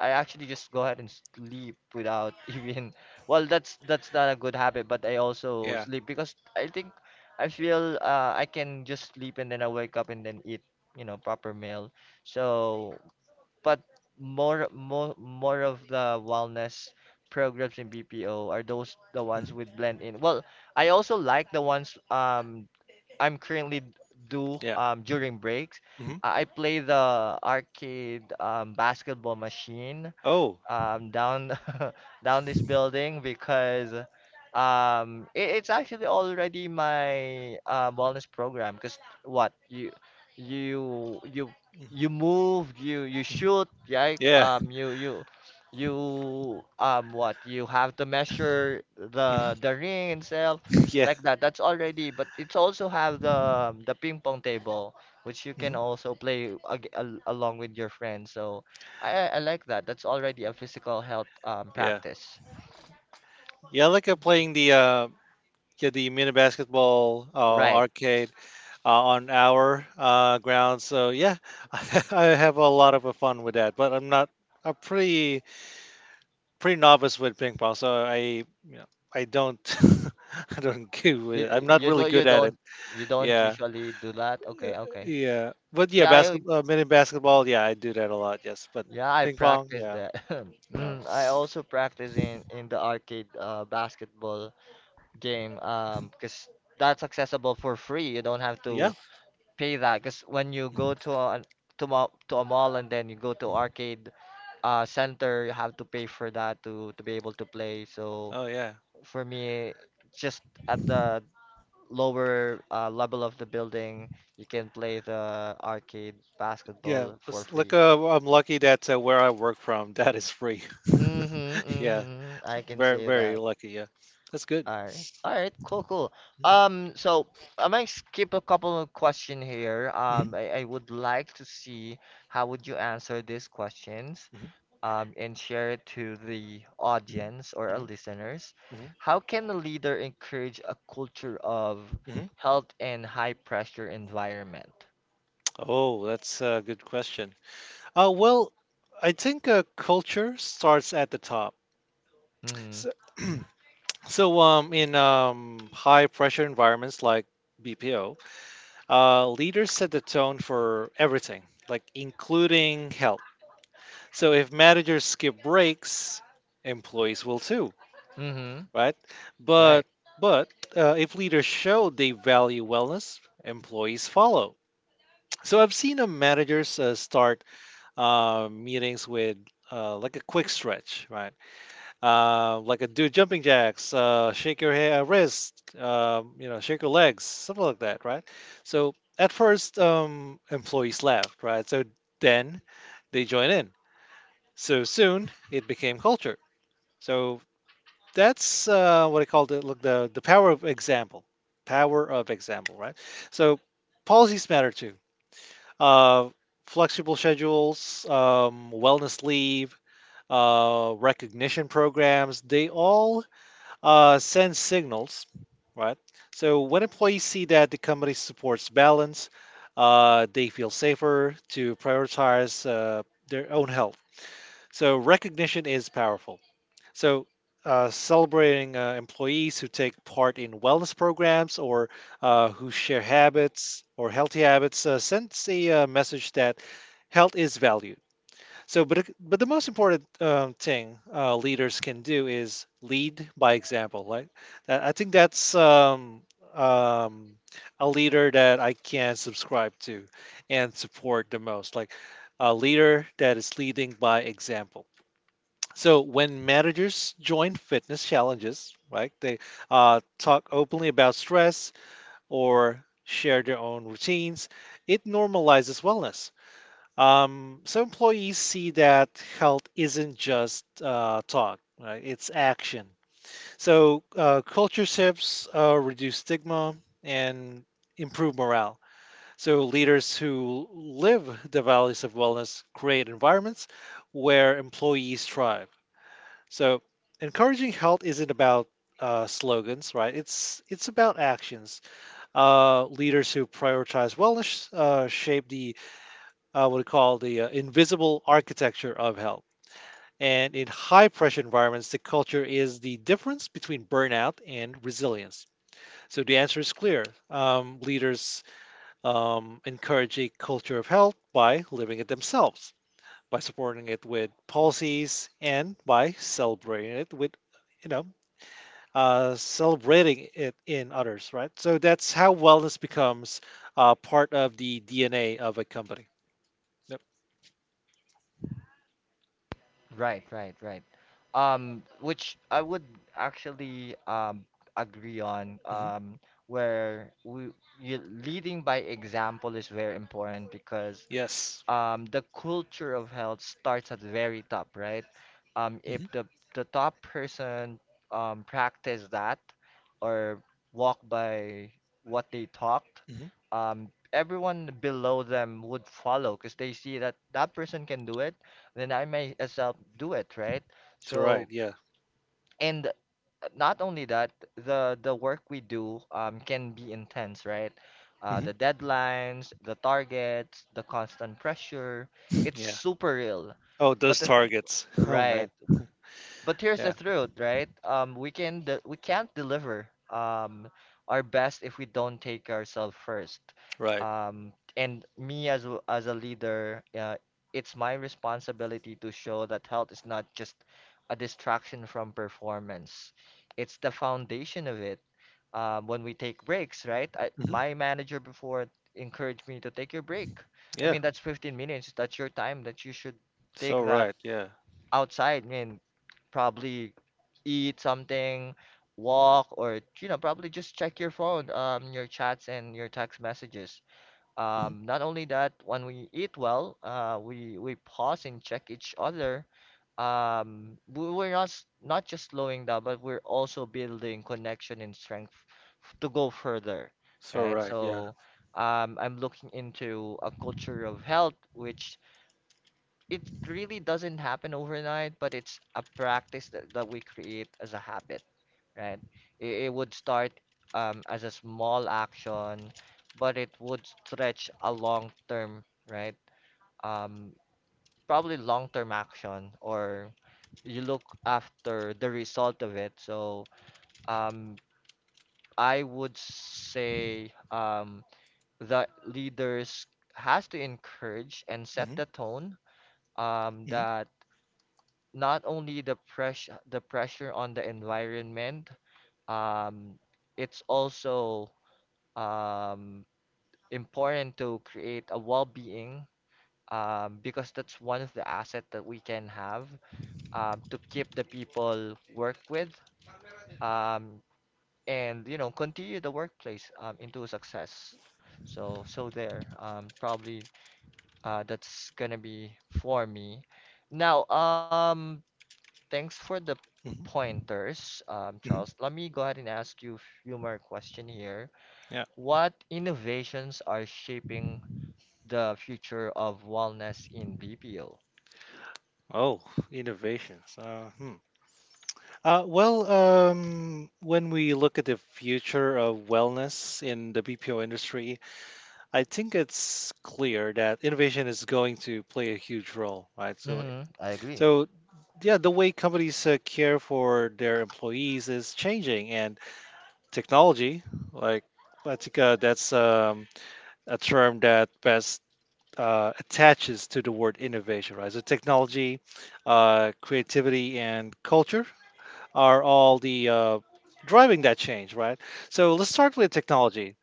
Speaker 1: I actually just go ahead and sleep without even, well, that's not a good habit, but I also
Speaker 2: Yeah.
Speaker 1: sleep because I think I feel, I can just sleep and then I wake up and then eat, you know, proper meal. So but more of the wellness programs in BPO are those the ones
Speaker 2: Hmm.
Speaker 1: with blend in well. I also like the ones I'm currently do
Speaker 2: Yeah.
Speaker 1: during breaks,
Speaker 2: Hmm.
Speaker 1: I play the arcade basketball machine,
Speaker 2: Oh.
Speaker 1: down down this building, because it's actually already my wellness program. Because what you you you move, you
Speaker 2: Mm-hmm.
Speaker 1: shoot, right?
Speaker 2: Yeah.
Speaker 1: You what you have to measure
Speaker 2: Hmm.
Speaker 1: the ring itself
Speaker 2: Yeah.
Speaker 1: like that. That's already, but it's also have the ping pong table, which you can
Speaker 2: Hmm.
Speaker 1: also play along with your friends. So. I like that. That's already a physical health
Speaker 2: Yeah.
Speaker 1: practice.
Speaker 2: Yeah, I like playing the mini basketball
Speaker 1: Right.
Speaker 2: arcade on our ground. So yeah, I have a lot of fun with that. But I'm not I'm pretty pretty novice with ping pong, so I you know I don't I don't go
Speaker 1: You
Speaker 2: with it. I'm not
Speaker 1: you
Speaker 2: really
Speaker 1: don't,
Speaker 2: good at it.
Speaker 1: you don't
Speaker 2: Yeah,
Speaker 1: usually do that. Okay, okay.
Speaker 2: yeah. But yeah,
Speaker 1: Yeah, I,
Speaker 2: basketball, mini basketball. Yeah, I do that a lot. Yes, but
Speaker 1: yeah, I
Speaker 2: ping pong.
Speaker 1: practice
Speaker 2: Yeah,
Speaker 1: that.
Speaker 2: no.
Speaker 1: Mm, I also practice in the arcade basketball game, because that's accessible for free. You don't have
Speaker 2: Yeah.
Speaker 1: to pay that, because when you go to a to a mall, and then you go to arcade center, you have to pay for that to be able to play. So
Speaker 2: Oh yeah.
Speaker 1: for me, just at the lower level of the building, you can play the arcade
Speaker 2: Yeah,
Speaker 1: basketball for
Speaker 2: it's like
Speaker 1: free.
Speaker 2: I'm lucky that where I work from, that is free.
Speaker 1: Mm-hmm,
Speaker 2: Yeah,
Speaker 1: mm-hmm. I can
Speaker 2: very
Speaker 1: say
Speaker 2: very
Speaker 1: that.
Speaker 2: lucky. Yeah, that's good.
Speaker 1: All right. All right, cool, cool. So I might skip a couple of question here. I would like to see how would you answer these questions,
Speaker 2: Mhm,
Speaker 1: and share it to the
Speaker 2: mhm,
Speaker 1: audience or our
Speaker 2: mhm,
Speaker 1: listeners.
Speaker 2: mhm,
Speaker 1: How can a leader encourage a culture of
Speaker 2: mhm.
Speaker 1: health and high pressure environment?
Speaker 2: Oh, that's a good question. Well, I think culture starts at the top.
Speaker 1: Mm-hmm.
Speaker 2: So, in high pressure environments like BPO, leaders set the tone for everything, like including health. So if managers skip breaks, employees will too,
Speaker 1: Mm-hmm.
Speaker 2: right?
Speaker 1: Right.
Speaker 2: But but if leaders show they value wellness, employees follow. So I've seen managers start meetings with like a quick stretch, right? Like a do jumping jacks, shake your hair, wrist, you know, shake your legs, something like that, right? So at first, employees laughed, right? So then they join in. So soon it became culture. So that's what I call the look the power of example, right? So policies matter too. uh, Flexible schedules, wellness leave, recognition programs, they all send signals, right? So when employees see that the company supports balance, they feel safer to prioritize their own health. So recognition is powerful. So, celebrating employees who take part in wellness programs or who share habits or healthy habits sends a message that health is valued. But the most important thing leaders can do is lead by example. Like, I think that's um, a leader that I can subscribe to and support the most. Like a leader that is leading by example. So when managers join fitness challenges, right, they talk openly about stress or share their own routines. It normalizes wellness. So employees see that health isn't just talk, right? It's action. So culture shifts reduce stigma and improve morale. So leaders who live the values of wellness create environments where employees thrive. So, encouraging health isn't about slogans, right? It's about actions. Leaders who prioritize wellness shape the what we call the invisible architecture of health. And in high pressure environments, the culture is the difference between burnout and resilience. So the answer is clear. Leaders encourage a culture of health by living it themselves, by supporting it with policies, and by celebrating it with you know celebrating it in others, right? So that's how wellness becomes part of the DNA of a company. Yep.
Speaker 1: Right. Right. Right. Which I would actually agree on.
Speaker 2: Hmm.
Speaker 1: Where we you, leading by example is very important, because
Speaker 2: Yes.
Speaker 1: the culture of health starts at the very top, right? If
Speaker 2: Hmm.
Speaker 1: the top person practice that or walk by what they talked,
Speaker 2: Hmm.
Speaker 1: everyone below them would follow, because they see that that person can do it, then I may as well do it, right?
Speaker 2: That's right.
Speaker 1: So,
Speaker 2: Yeah.
Speaker 1: and not only that, the work we do can be intense, right?
Speaker 2: Hmm.
Speaker 1: The deadlines, the targets, the constant pressure, it's
Speaker 2: Yeah.
Speaker 1: super real.
Speaker 2: Oh, those
Speaker 1: But the th-
Speaker 2: targets. Oh man.
Speaker 1: right, but here's the
Speaker 2: Yeah.
Speaker 1: truth, right? We can't deliver our best if we don't take ourselves first.
Speaker 2: Right.
Speaker 1: And me as as a leader, it's my responsibility to show that health is not just a distraction from performance. It's the foundation of it. When we take breaks, right?
Speaker 2: Hmm.
Speaker 1: My manager before encouraged me to take your break. I
Speaker 2: Yeah.
Speaker 1: mean, that's 15 minutes. That's your time that you should take
Speaker 2: So
Speaker 1: that
Speaker 2: right. Yeah.
Speaker 1: outside, man, probably eat something, walk, or probably just check your phone, your chats and your text messages.
Speaker 2: Hmm.
Speaker 1: Not only that, when we eat well, we pause and check each other. We're not not just slowing down, but we're also building connection and strength to go further,
Speaker 2: So
Speaker 1: right?
Speaker 2: right. Yeah.
Speaker 1: So, I'm looking into a culture of health, which it really doesn't happen overnight, but it's a practice that we create as a habit, right? It would start as a small action, but it would stretch a long term, right? Um, probably long term action, or you look after the result of it. So um, I would say that leaders has to encourage and set
Speaker 2: Hmm.
Speaker 1: the tone
Speaker 2: Hmm.
Speaker 1: that not only the pressure on the environment, um, it's also um, important to create a well-being because that's one of the assets that we can have to keep the people work with um, and you know continue the workplace into success. So there probably that's gonna be for me. Now um, thanks for the
Speaker 2: Hmm.
Speaker 1: pointers,
Speaker 2: Hmm.
Speaker 1: Charles. Let me go ahead and ask you a few more questions here.
Speaker 2: Yeah.
Speaker 1: What innovations are shaping the future of wellness in BPO?
Speaker 2: Oh, innovations. When we look at the future of wellness in the BPO industry, I think it's clear that innovation is going to play a huge role, right? So,
Speaker 1: Mm-hmm, I agree.
Speaker 2: so yeah, the way companies care for their employees is changing, and technology, like I think that's a term that best attaches to the word innovation, right? So, technology, creativity, and culture are all the driving that change, right? So, let's start with technology.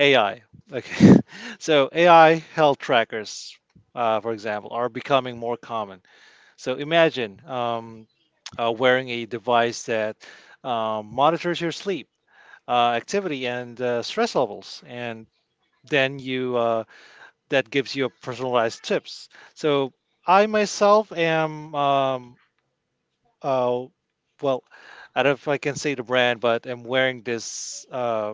Speaker 2: AI. Okay. So AI health trackers, for example, are becoming more common. So imagine wearing a device that monitors your sleep, activity, and stress levels, and then you that gives you personalized tips. So I myself am uh, well, I don't know if I can say the brand, but I'm wearing this.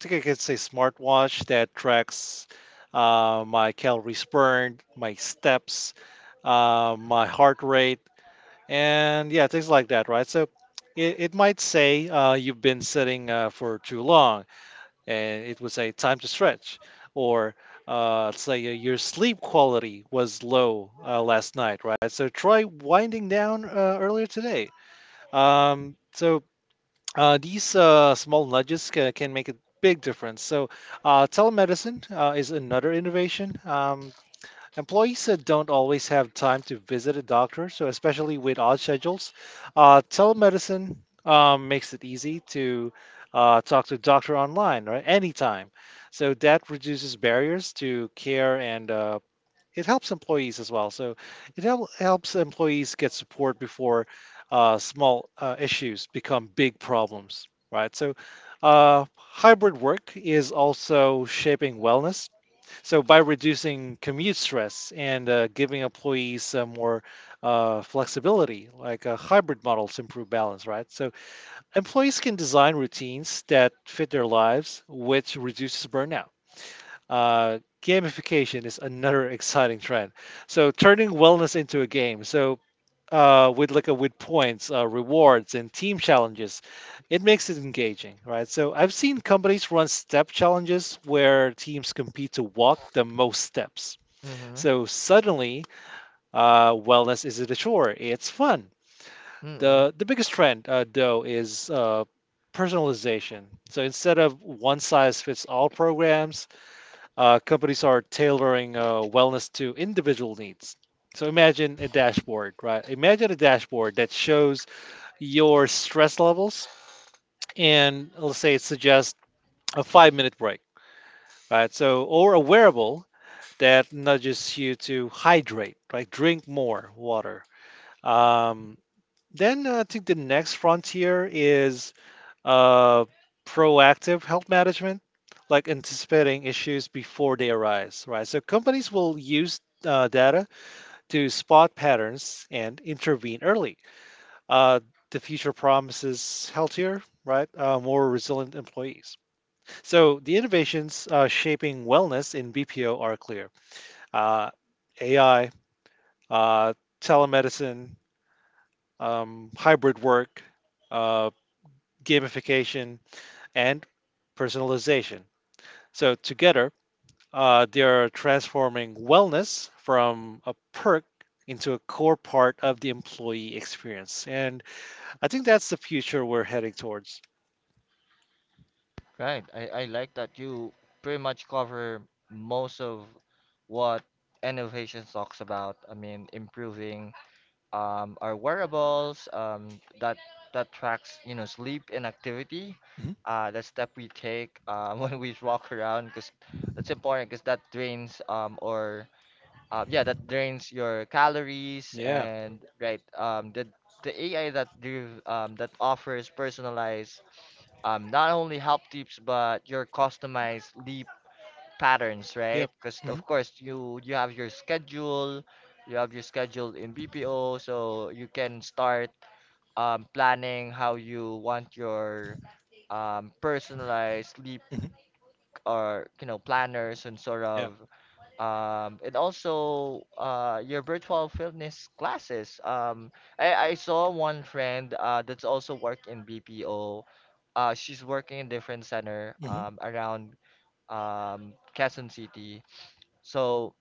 Speaker 2: Think I could say smartwatch that tracks my calories burned, my steps, my heart rate, and yeah, things like that, right? So it might say you've been sitting for too long, and it would say time to stretch, or let's say your sleep quality was low last night, right? So try winding down earlier today. So these small nudges can make a big difference. So, telemedicine is another innovation. Employees don't always have time to visit a doctor, so especially with odd schedules, telemedicine makes it easy to talk to a doctor online, right? Anytime. So that reduces barriers to care, and it helps employees as well. So it helps employees get support before small issues become big problems, right? So hybrid work is also shaping wellness. So by reducing commute stress and giving employees some more flexibility, like a hybrid models improve balance, right? So employees can design routines that fit their lives, which reduces burnout. Gamification is another exciting trend. So turning wellness into a game. So with points, rewards, and team challenges, it makes it engaging, right? So I've seen companies run step challenges where teams compete to walk the most steps.
Speaker 1: Mm-hmm,
Speaker 2: So suddenly, wellness isn't a chore; it's fun.
Speaker 1: mm-hmm.
Speaker 2: The biggest trend, though, is personalization. So instead of one size fits all programs, companies are tailoring wellness to individual needs. So imagine a dashboard, right? Imagine a dashboard that shows your stress levels, and let's say it suggests a 5 minute break, right? So, or a wearable that nudges you to hydrate, right? Drink more water. Um, then I think the next frontier is uh, proactive health management, like anticipating issues before they arise, right? So companies will use data to spot patterns and intervene early. Uh, the future promises healthier, right? More resilient employees. So the innovations shaping wellness in BPO are clear. Uh, AI, uh, telemedicine, hybrid work, uh, gamification, and personalization. So together, they are transforming wellness from a perk into a core part of the employee experience, and I think that's the future we're heading towards.
Speaker 1: Right. I like that you pretty much cover most of what innovations talks about. I mean, improving our wearables that tracks you know sleep and activity,
Speaker 2: Hmm.
Speaker 1: the step we take when we walk around because that's important because that drains or yeah, that drains your calories
Speaker 2: Yeah.
Speaker 1: and right the AI that do that offers personalized not only help tips but your customized sleep patterns, right?
Speaker 2: Yep.
Speaker 1: Because
Speaker 2: Hmm.
Speaker 1: of course you have your schedule, you have your schedule in BPO, so you can start planning how you want your personalized sleep
Speaker 2: Hmm.
Speaker 1: or you know planners and sort
Speaker 2: Yeah.
Speaker 1: of and also your virtual fitness classes. I saw one friend that's also work in BPO. She's working in different center
Speaker 2: Hmm.
Speaker 1: around Quezon City. So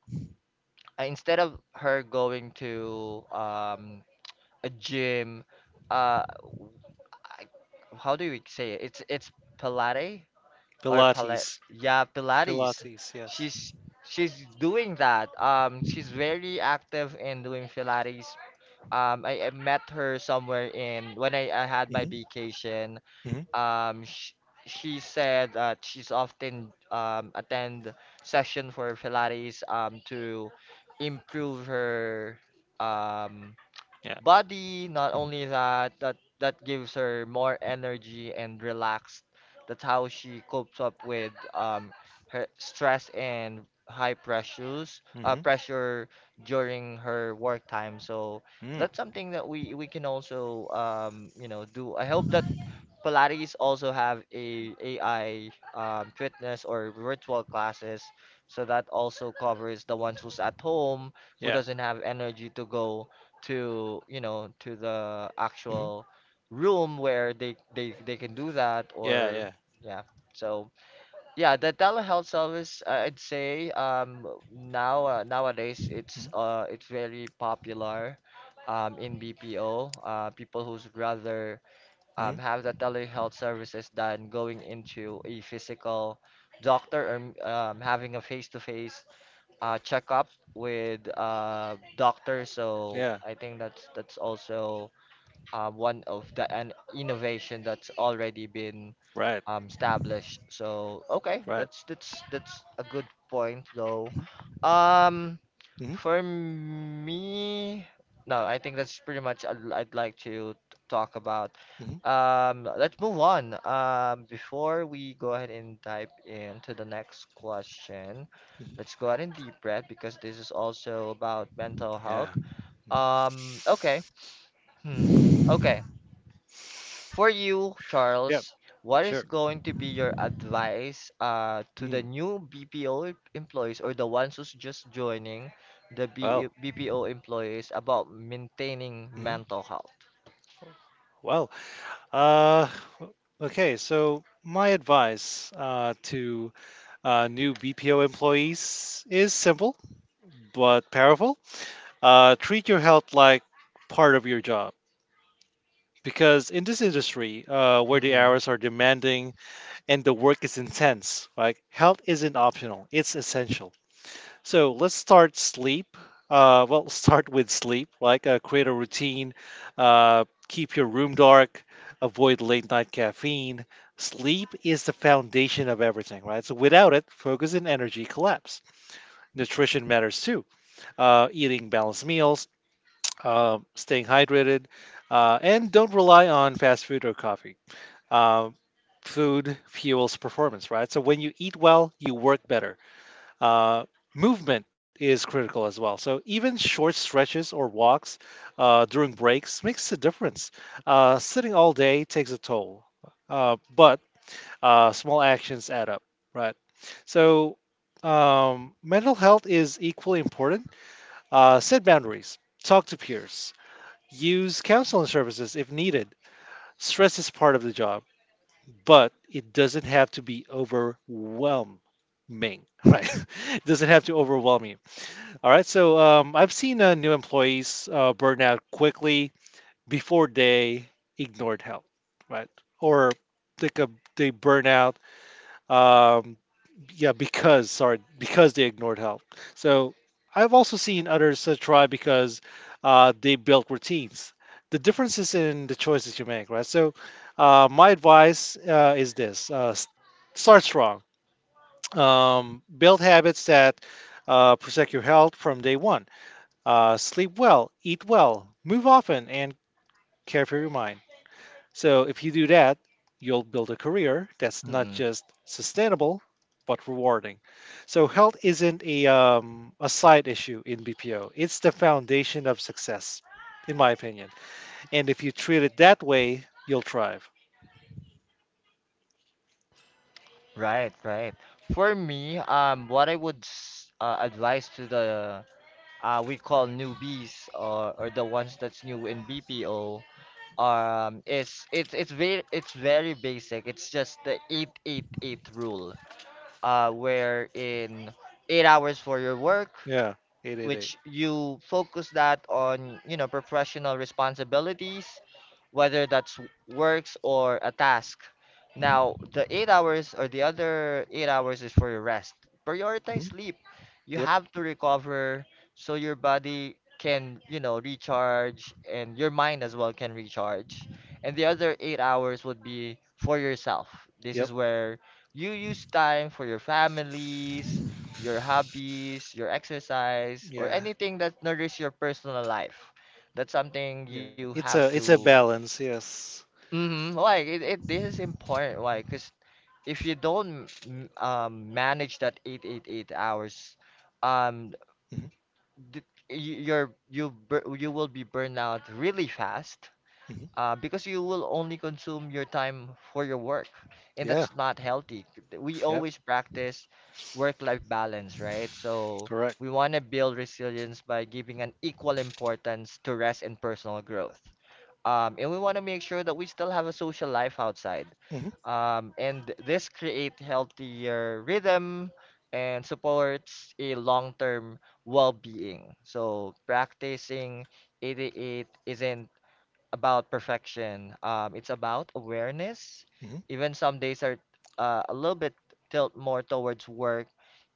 Speaker 1: instead of her going to a gym, uh, w- how do we say it? It's Pilate or Pilate?
Speaker 2: Pilates.
Speaker 1: Yeah, Pilates.
Speaker 2: Pilates. Yes.
Speaker 1: She's she's doing that. She's very active in doing Pilates. I met her somewhere in when I had my
Speaker 2: Hmm.
Speaker 1: vacation.
Speaker 2: Hmm.
Speaker 1: Sh she said that she's often attend session for Pilates to improve her um,
Speaker 2: Yeah.
Speaker 1: body. Not
Speaker 2: Hmm.
Speaker 1: only that, that gives her more energy and relaxed. That's how she copes up with her stress and high pressures,
Speaker 2: Hmm.
Speaker 1: pressure during her work time. So
Speaker 2: Mm.
Speaker 1: that's something that we can also you know do. I hope that Pilates also have a AI fitness or virtual classes, so that also covers the ones who's at home who
Speaker 2: Yeah.
Speaker 1: doesn't have energy to go to you know to the
Speaker 2: Hmm.
Speaker 1: actual room where they can do that
Speaker 2: Yeah.
Speaker 1: or
Speaker 2: Yeah.
Speaker 1: yeah. So yeah, the telehealth service I'd say um, now nowadays it's
Speaker 2: Hmm.
Speaker 1: uh it's very popular um, in BPO people who's rather
Speaker 2: Hmm.
Speaker 1: have the telehealth services than going into a physical doctor or having a face-to-face checkup with doctor. So
Speaker 2: Yeah.
Speaker 1: I think that's also one of the an innovation that's already been
Speaker 2: Right.
Speaker 1: um, established. So okay,
Speaker 2: Right.
Speaker 1: that's a good point though.
Speaker 2: Hmm.
Speaker 1: Um,
Speaker 2: Hmm.
Speaker 1: for me, no, I think that's pretty much I'd like to talk about.
Speaker 2: Hmm.
Speaker 1: Let's move on. Before we go ahead and dive into the next question, let's go ahead and deep breath because this is also about mental
Speaker 2: Yeah.
Speaker 1: health. Okay. Hmm.
Speaker 2: Mhm.
Speaker 1: Okay. For you,
Speaker 2: Yep.
Speaker 1: Charles, what is
Speaker 2: Sure.
Speaker 1: going to be your advice to the
Speaker 2: Mm,
Speaker 1: new BPO employees or the ones who's just joining the B
Speaker 2: well,
Speaker 1: BPO employees about maintaining
Speaker 2: mhm,
Speaker 1: mental health?
Speaker 2: well. Uh, okay. So my advice to new BPO employees is simple but powerful. Treat your health like part of your job. Because in this industry, where the
Speaker 1: Mm-mm,
Speaker 2: hours are demanding and the work is intense, like health isn't optional; it's essential. So let's start sleep. Start with sleep. Create a routine. Keep your room dark. Avoid late night caffeine. Sleep is the foundation of everything, right? So without it, focus and energy collapse. Nutrition matters too. Eating balanced meals, staying hydrated, and don't rely on fast food or coffee. Um, Food fuels performance, right? So when you eat well, you work better. Uh, Movement is critical as well. So even short stretches or walks during breaks makes a difference. Sitting all day takes a toll, but small actions add up, right? So mental health is equally important. Set boundaries, talk to peers, use counseling services if needed. Stress is part of the job, but it doesn't have to be overwhelming, right? it doesn't have to overwhelm you. All right, so I've seen new employees burn out quickly before they ignored help, right? Or they burn out, um, yeah, because sorry, because they ignored help. So I've also seen others try because they built routines. The difference is in the choices you make, right? So my advice is this: start strong, build habits that protect your health from day one, sleep well, eat well, move often, and care for your mind. So if you do that, you'll build a career that's not
Speaker 1: mm-mm.
Speaker 2: just sustainable but rewarding. So health isn't a a side issue in BPO. It's the foundation of success, in my opinion. And if you treat it that way, you'll thrive.
Speaker 1: Right, right. For me, what I would advise to the we call newbies, or the ones that's new in BPO um, is it's very it's very basic, it's just the 888 rule wherein 8 hours for your work,
Speaker 2: Yeah, 888.
Speaker 1: which you focus that on, you know, professional responsibilities, whether that's works or a task. Now, the 8 hours or the other 8 hours is for your rest. Prioritize
Speaker 2: Mhm.
Speaker 1: sleep. You
Speaker 2: Yep,
Speaker 1: have to recover so your body can, you know, recharge and your mind as well can recharge. And the other 8 hours would be for yourself. This
Speaker 2: yep,
Speaker 1: is where you use time for your families, your hobbies, your exercise, or
Speaker 2: yeah,
Speaker 1: anything that nourishes your personal life. That's something you
Speaker 2: yeah.
Speaker 1: have
Speaker 2: It's
Speaker 1: to.
Speaker 2: a balance. Yes.
Speaker 1: Mm-hmm, like it, it. This is important. Like, cause if you don't manage that 8 8 8 hours, um,
Speaker 2: Hmm.
Speaker 1: th- you're you will be burned out really fast
Speaker 2: Hmm.
Speaker 1: because you will only consume your time for your work, and
Speaker 2: Yeah.
Speaker 1: that's not healthy. We
Speaker 2: Yep.
Speaker 1: always practice work-life balance, right? So
Speaker 2: Correct.
Speaker 1: we want to build resilience by giving an equal importance to rest and personal growth. And we want to make sure that we still have a social life outside.
Speaker 2: Hmm.
Speaker 1: And this create healthier rhythm and supports a long-term well-being. So practicing 88 isn't about perfection. It's about awareness.
Speaker 2: Hmm.
Speaker 1: Even some days are a little bit tilt more towards work.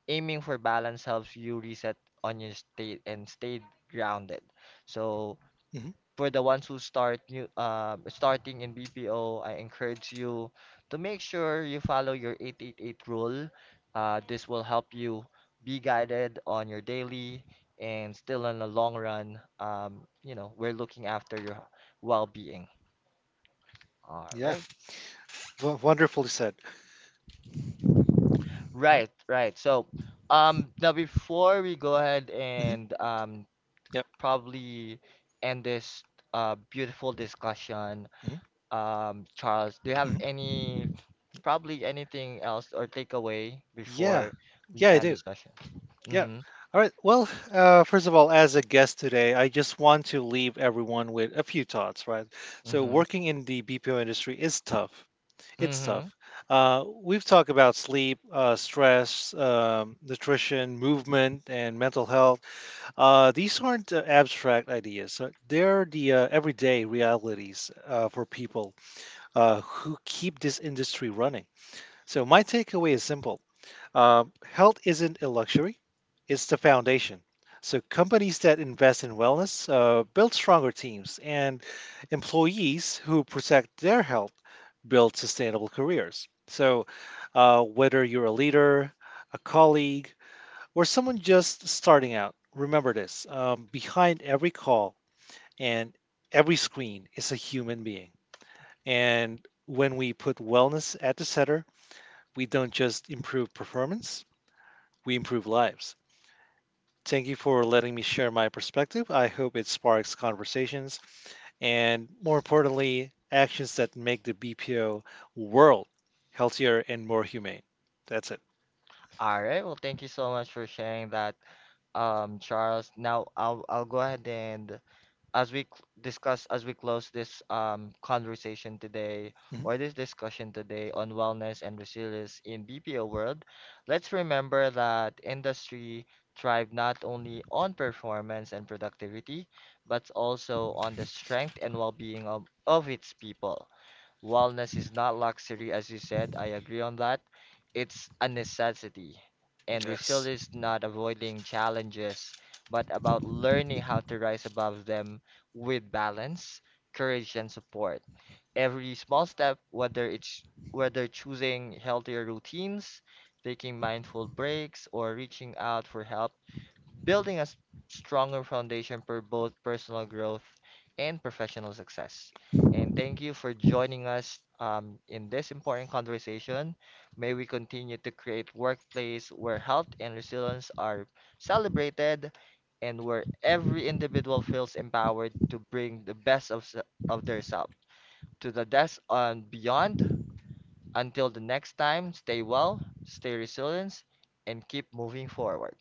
Speaker 1: Aiming for balance helps you reset on your state and stay grounded. So
Speaker 2: Hmm.
Speaker 1: for the ones who start new, starting in BPO, I encourage you to make sure you follow your 888 rule. This will help you be guided on your daily and still in the long run. You know, we're looking after your well-being. All
Speaker 2: Yeah.
Speaker 1: right.
Speaker 2: W- wonderfully said. All.
Speaker 1: Right, right. So, now before we go ahead
Speaker 2: Hmm.
Speaker 1: and
Speaker 2: Yep.
Speaker 1: probably end this beautiful discussion,
Speaker 2: Hmm.
Speaker 1: Charles, do you have
Speaker 2: Hmm.
Speaker 1: any probably anything else or takeaway
Speaker 2: Yeah.
Speaker 1: before we
Speaker 2: Yeah, I
Speaker 1: end the
Speaker 2: do.
Speaker 1: session?
Speaker 2: Yeah.
Speaker 1: Mm-hmm.
Speaker 2: All right. Well, first of all, as a guest today, I just want to leave everyone with a few thoughts, right? So,
Speaker 1: Mm-hmm.
Speaker 2: working in the BPO industry is tough. It's tough.
Speaker 1: Mm-hmm.
Speaker 2: We've talked about sleep, stress, nutrition, movement, and mental health. These aren't abstract ideas, so they're the everyday realities for people who keep this industry running. So, my takeaway is simple. Health isn't a luxury, it's the foundation. So, companies that invest in wellness build stronger teams, and employees who protect their health build sustainable careers. So, whether you're a leader, a colleague, or someone just starting out, remember this, behind every call and every screen is a human being. And when we put wellness at the center, we don't just improve performance, we improve lives. Thank you for letting me share my perspective. I hope it sparks conversations and, more importantly, actions that make the BPO world healthier and more humane. That's it.
Speaker 1: All right. Well, thank you so much for sharing that, Charles. Now I'll go ahead and as we discuss, as we close this um, conversation today
Speaker 2: Mhm.
Speaker 1: or this discussion today on wellness and resilience in BPO world, let's remember that industry thrive not only on performance and productivity, but also on the strength and well-being of its people. Wellness is not luxury, as you said. I agree on that. It's a necessity. And
Speaker 2: Yes.
Speaker 1: resilience is not avoiding challenges, but about learning how to rise above them with balance, courage, and support. Every small step, whether choosing healthier routines, taking mindful breaks, or reaching out for help, building a stronger foundation for both personal growth and professional success. And thank you for joining us in this important conversation. May we continue to create workplace where health and resilience are celebrated and where every individual feels empowered to bring the best of their self to the desk and beyond. Until the next time, stay well, stay resilient, and keep moving forward.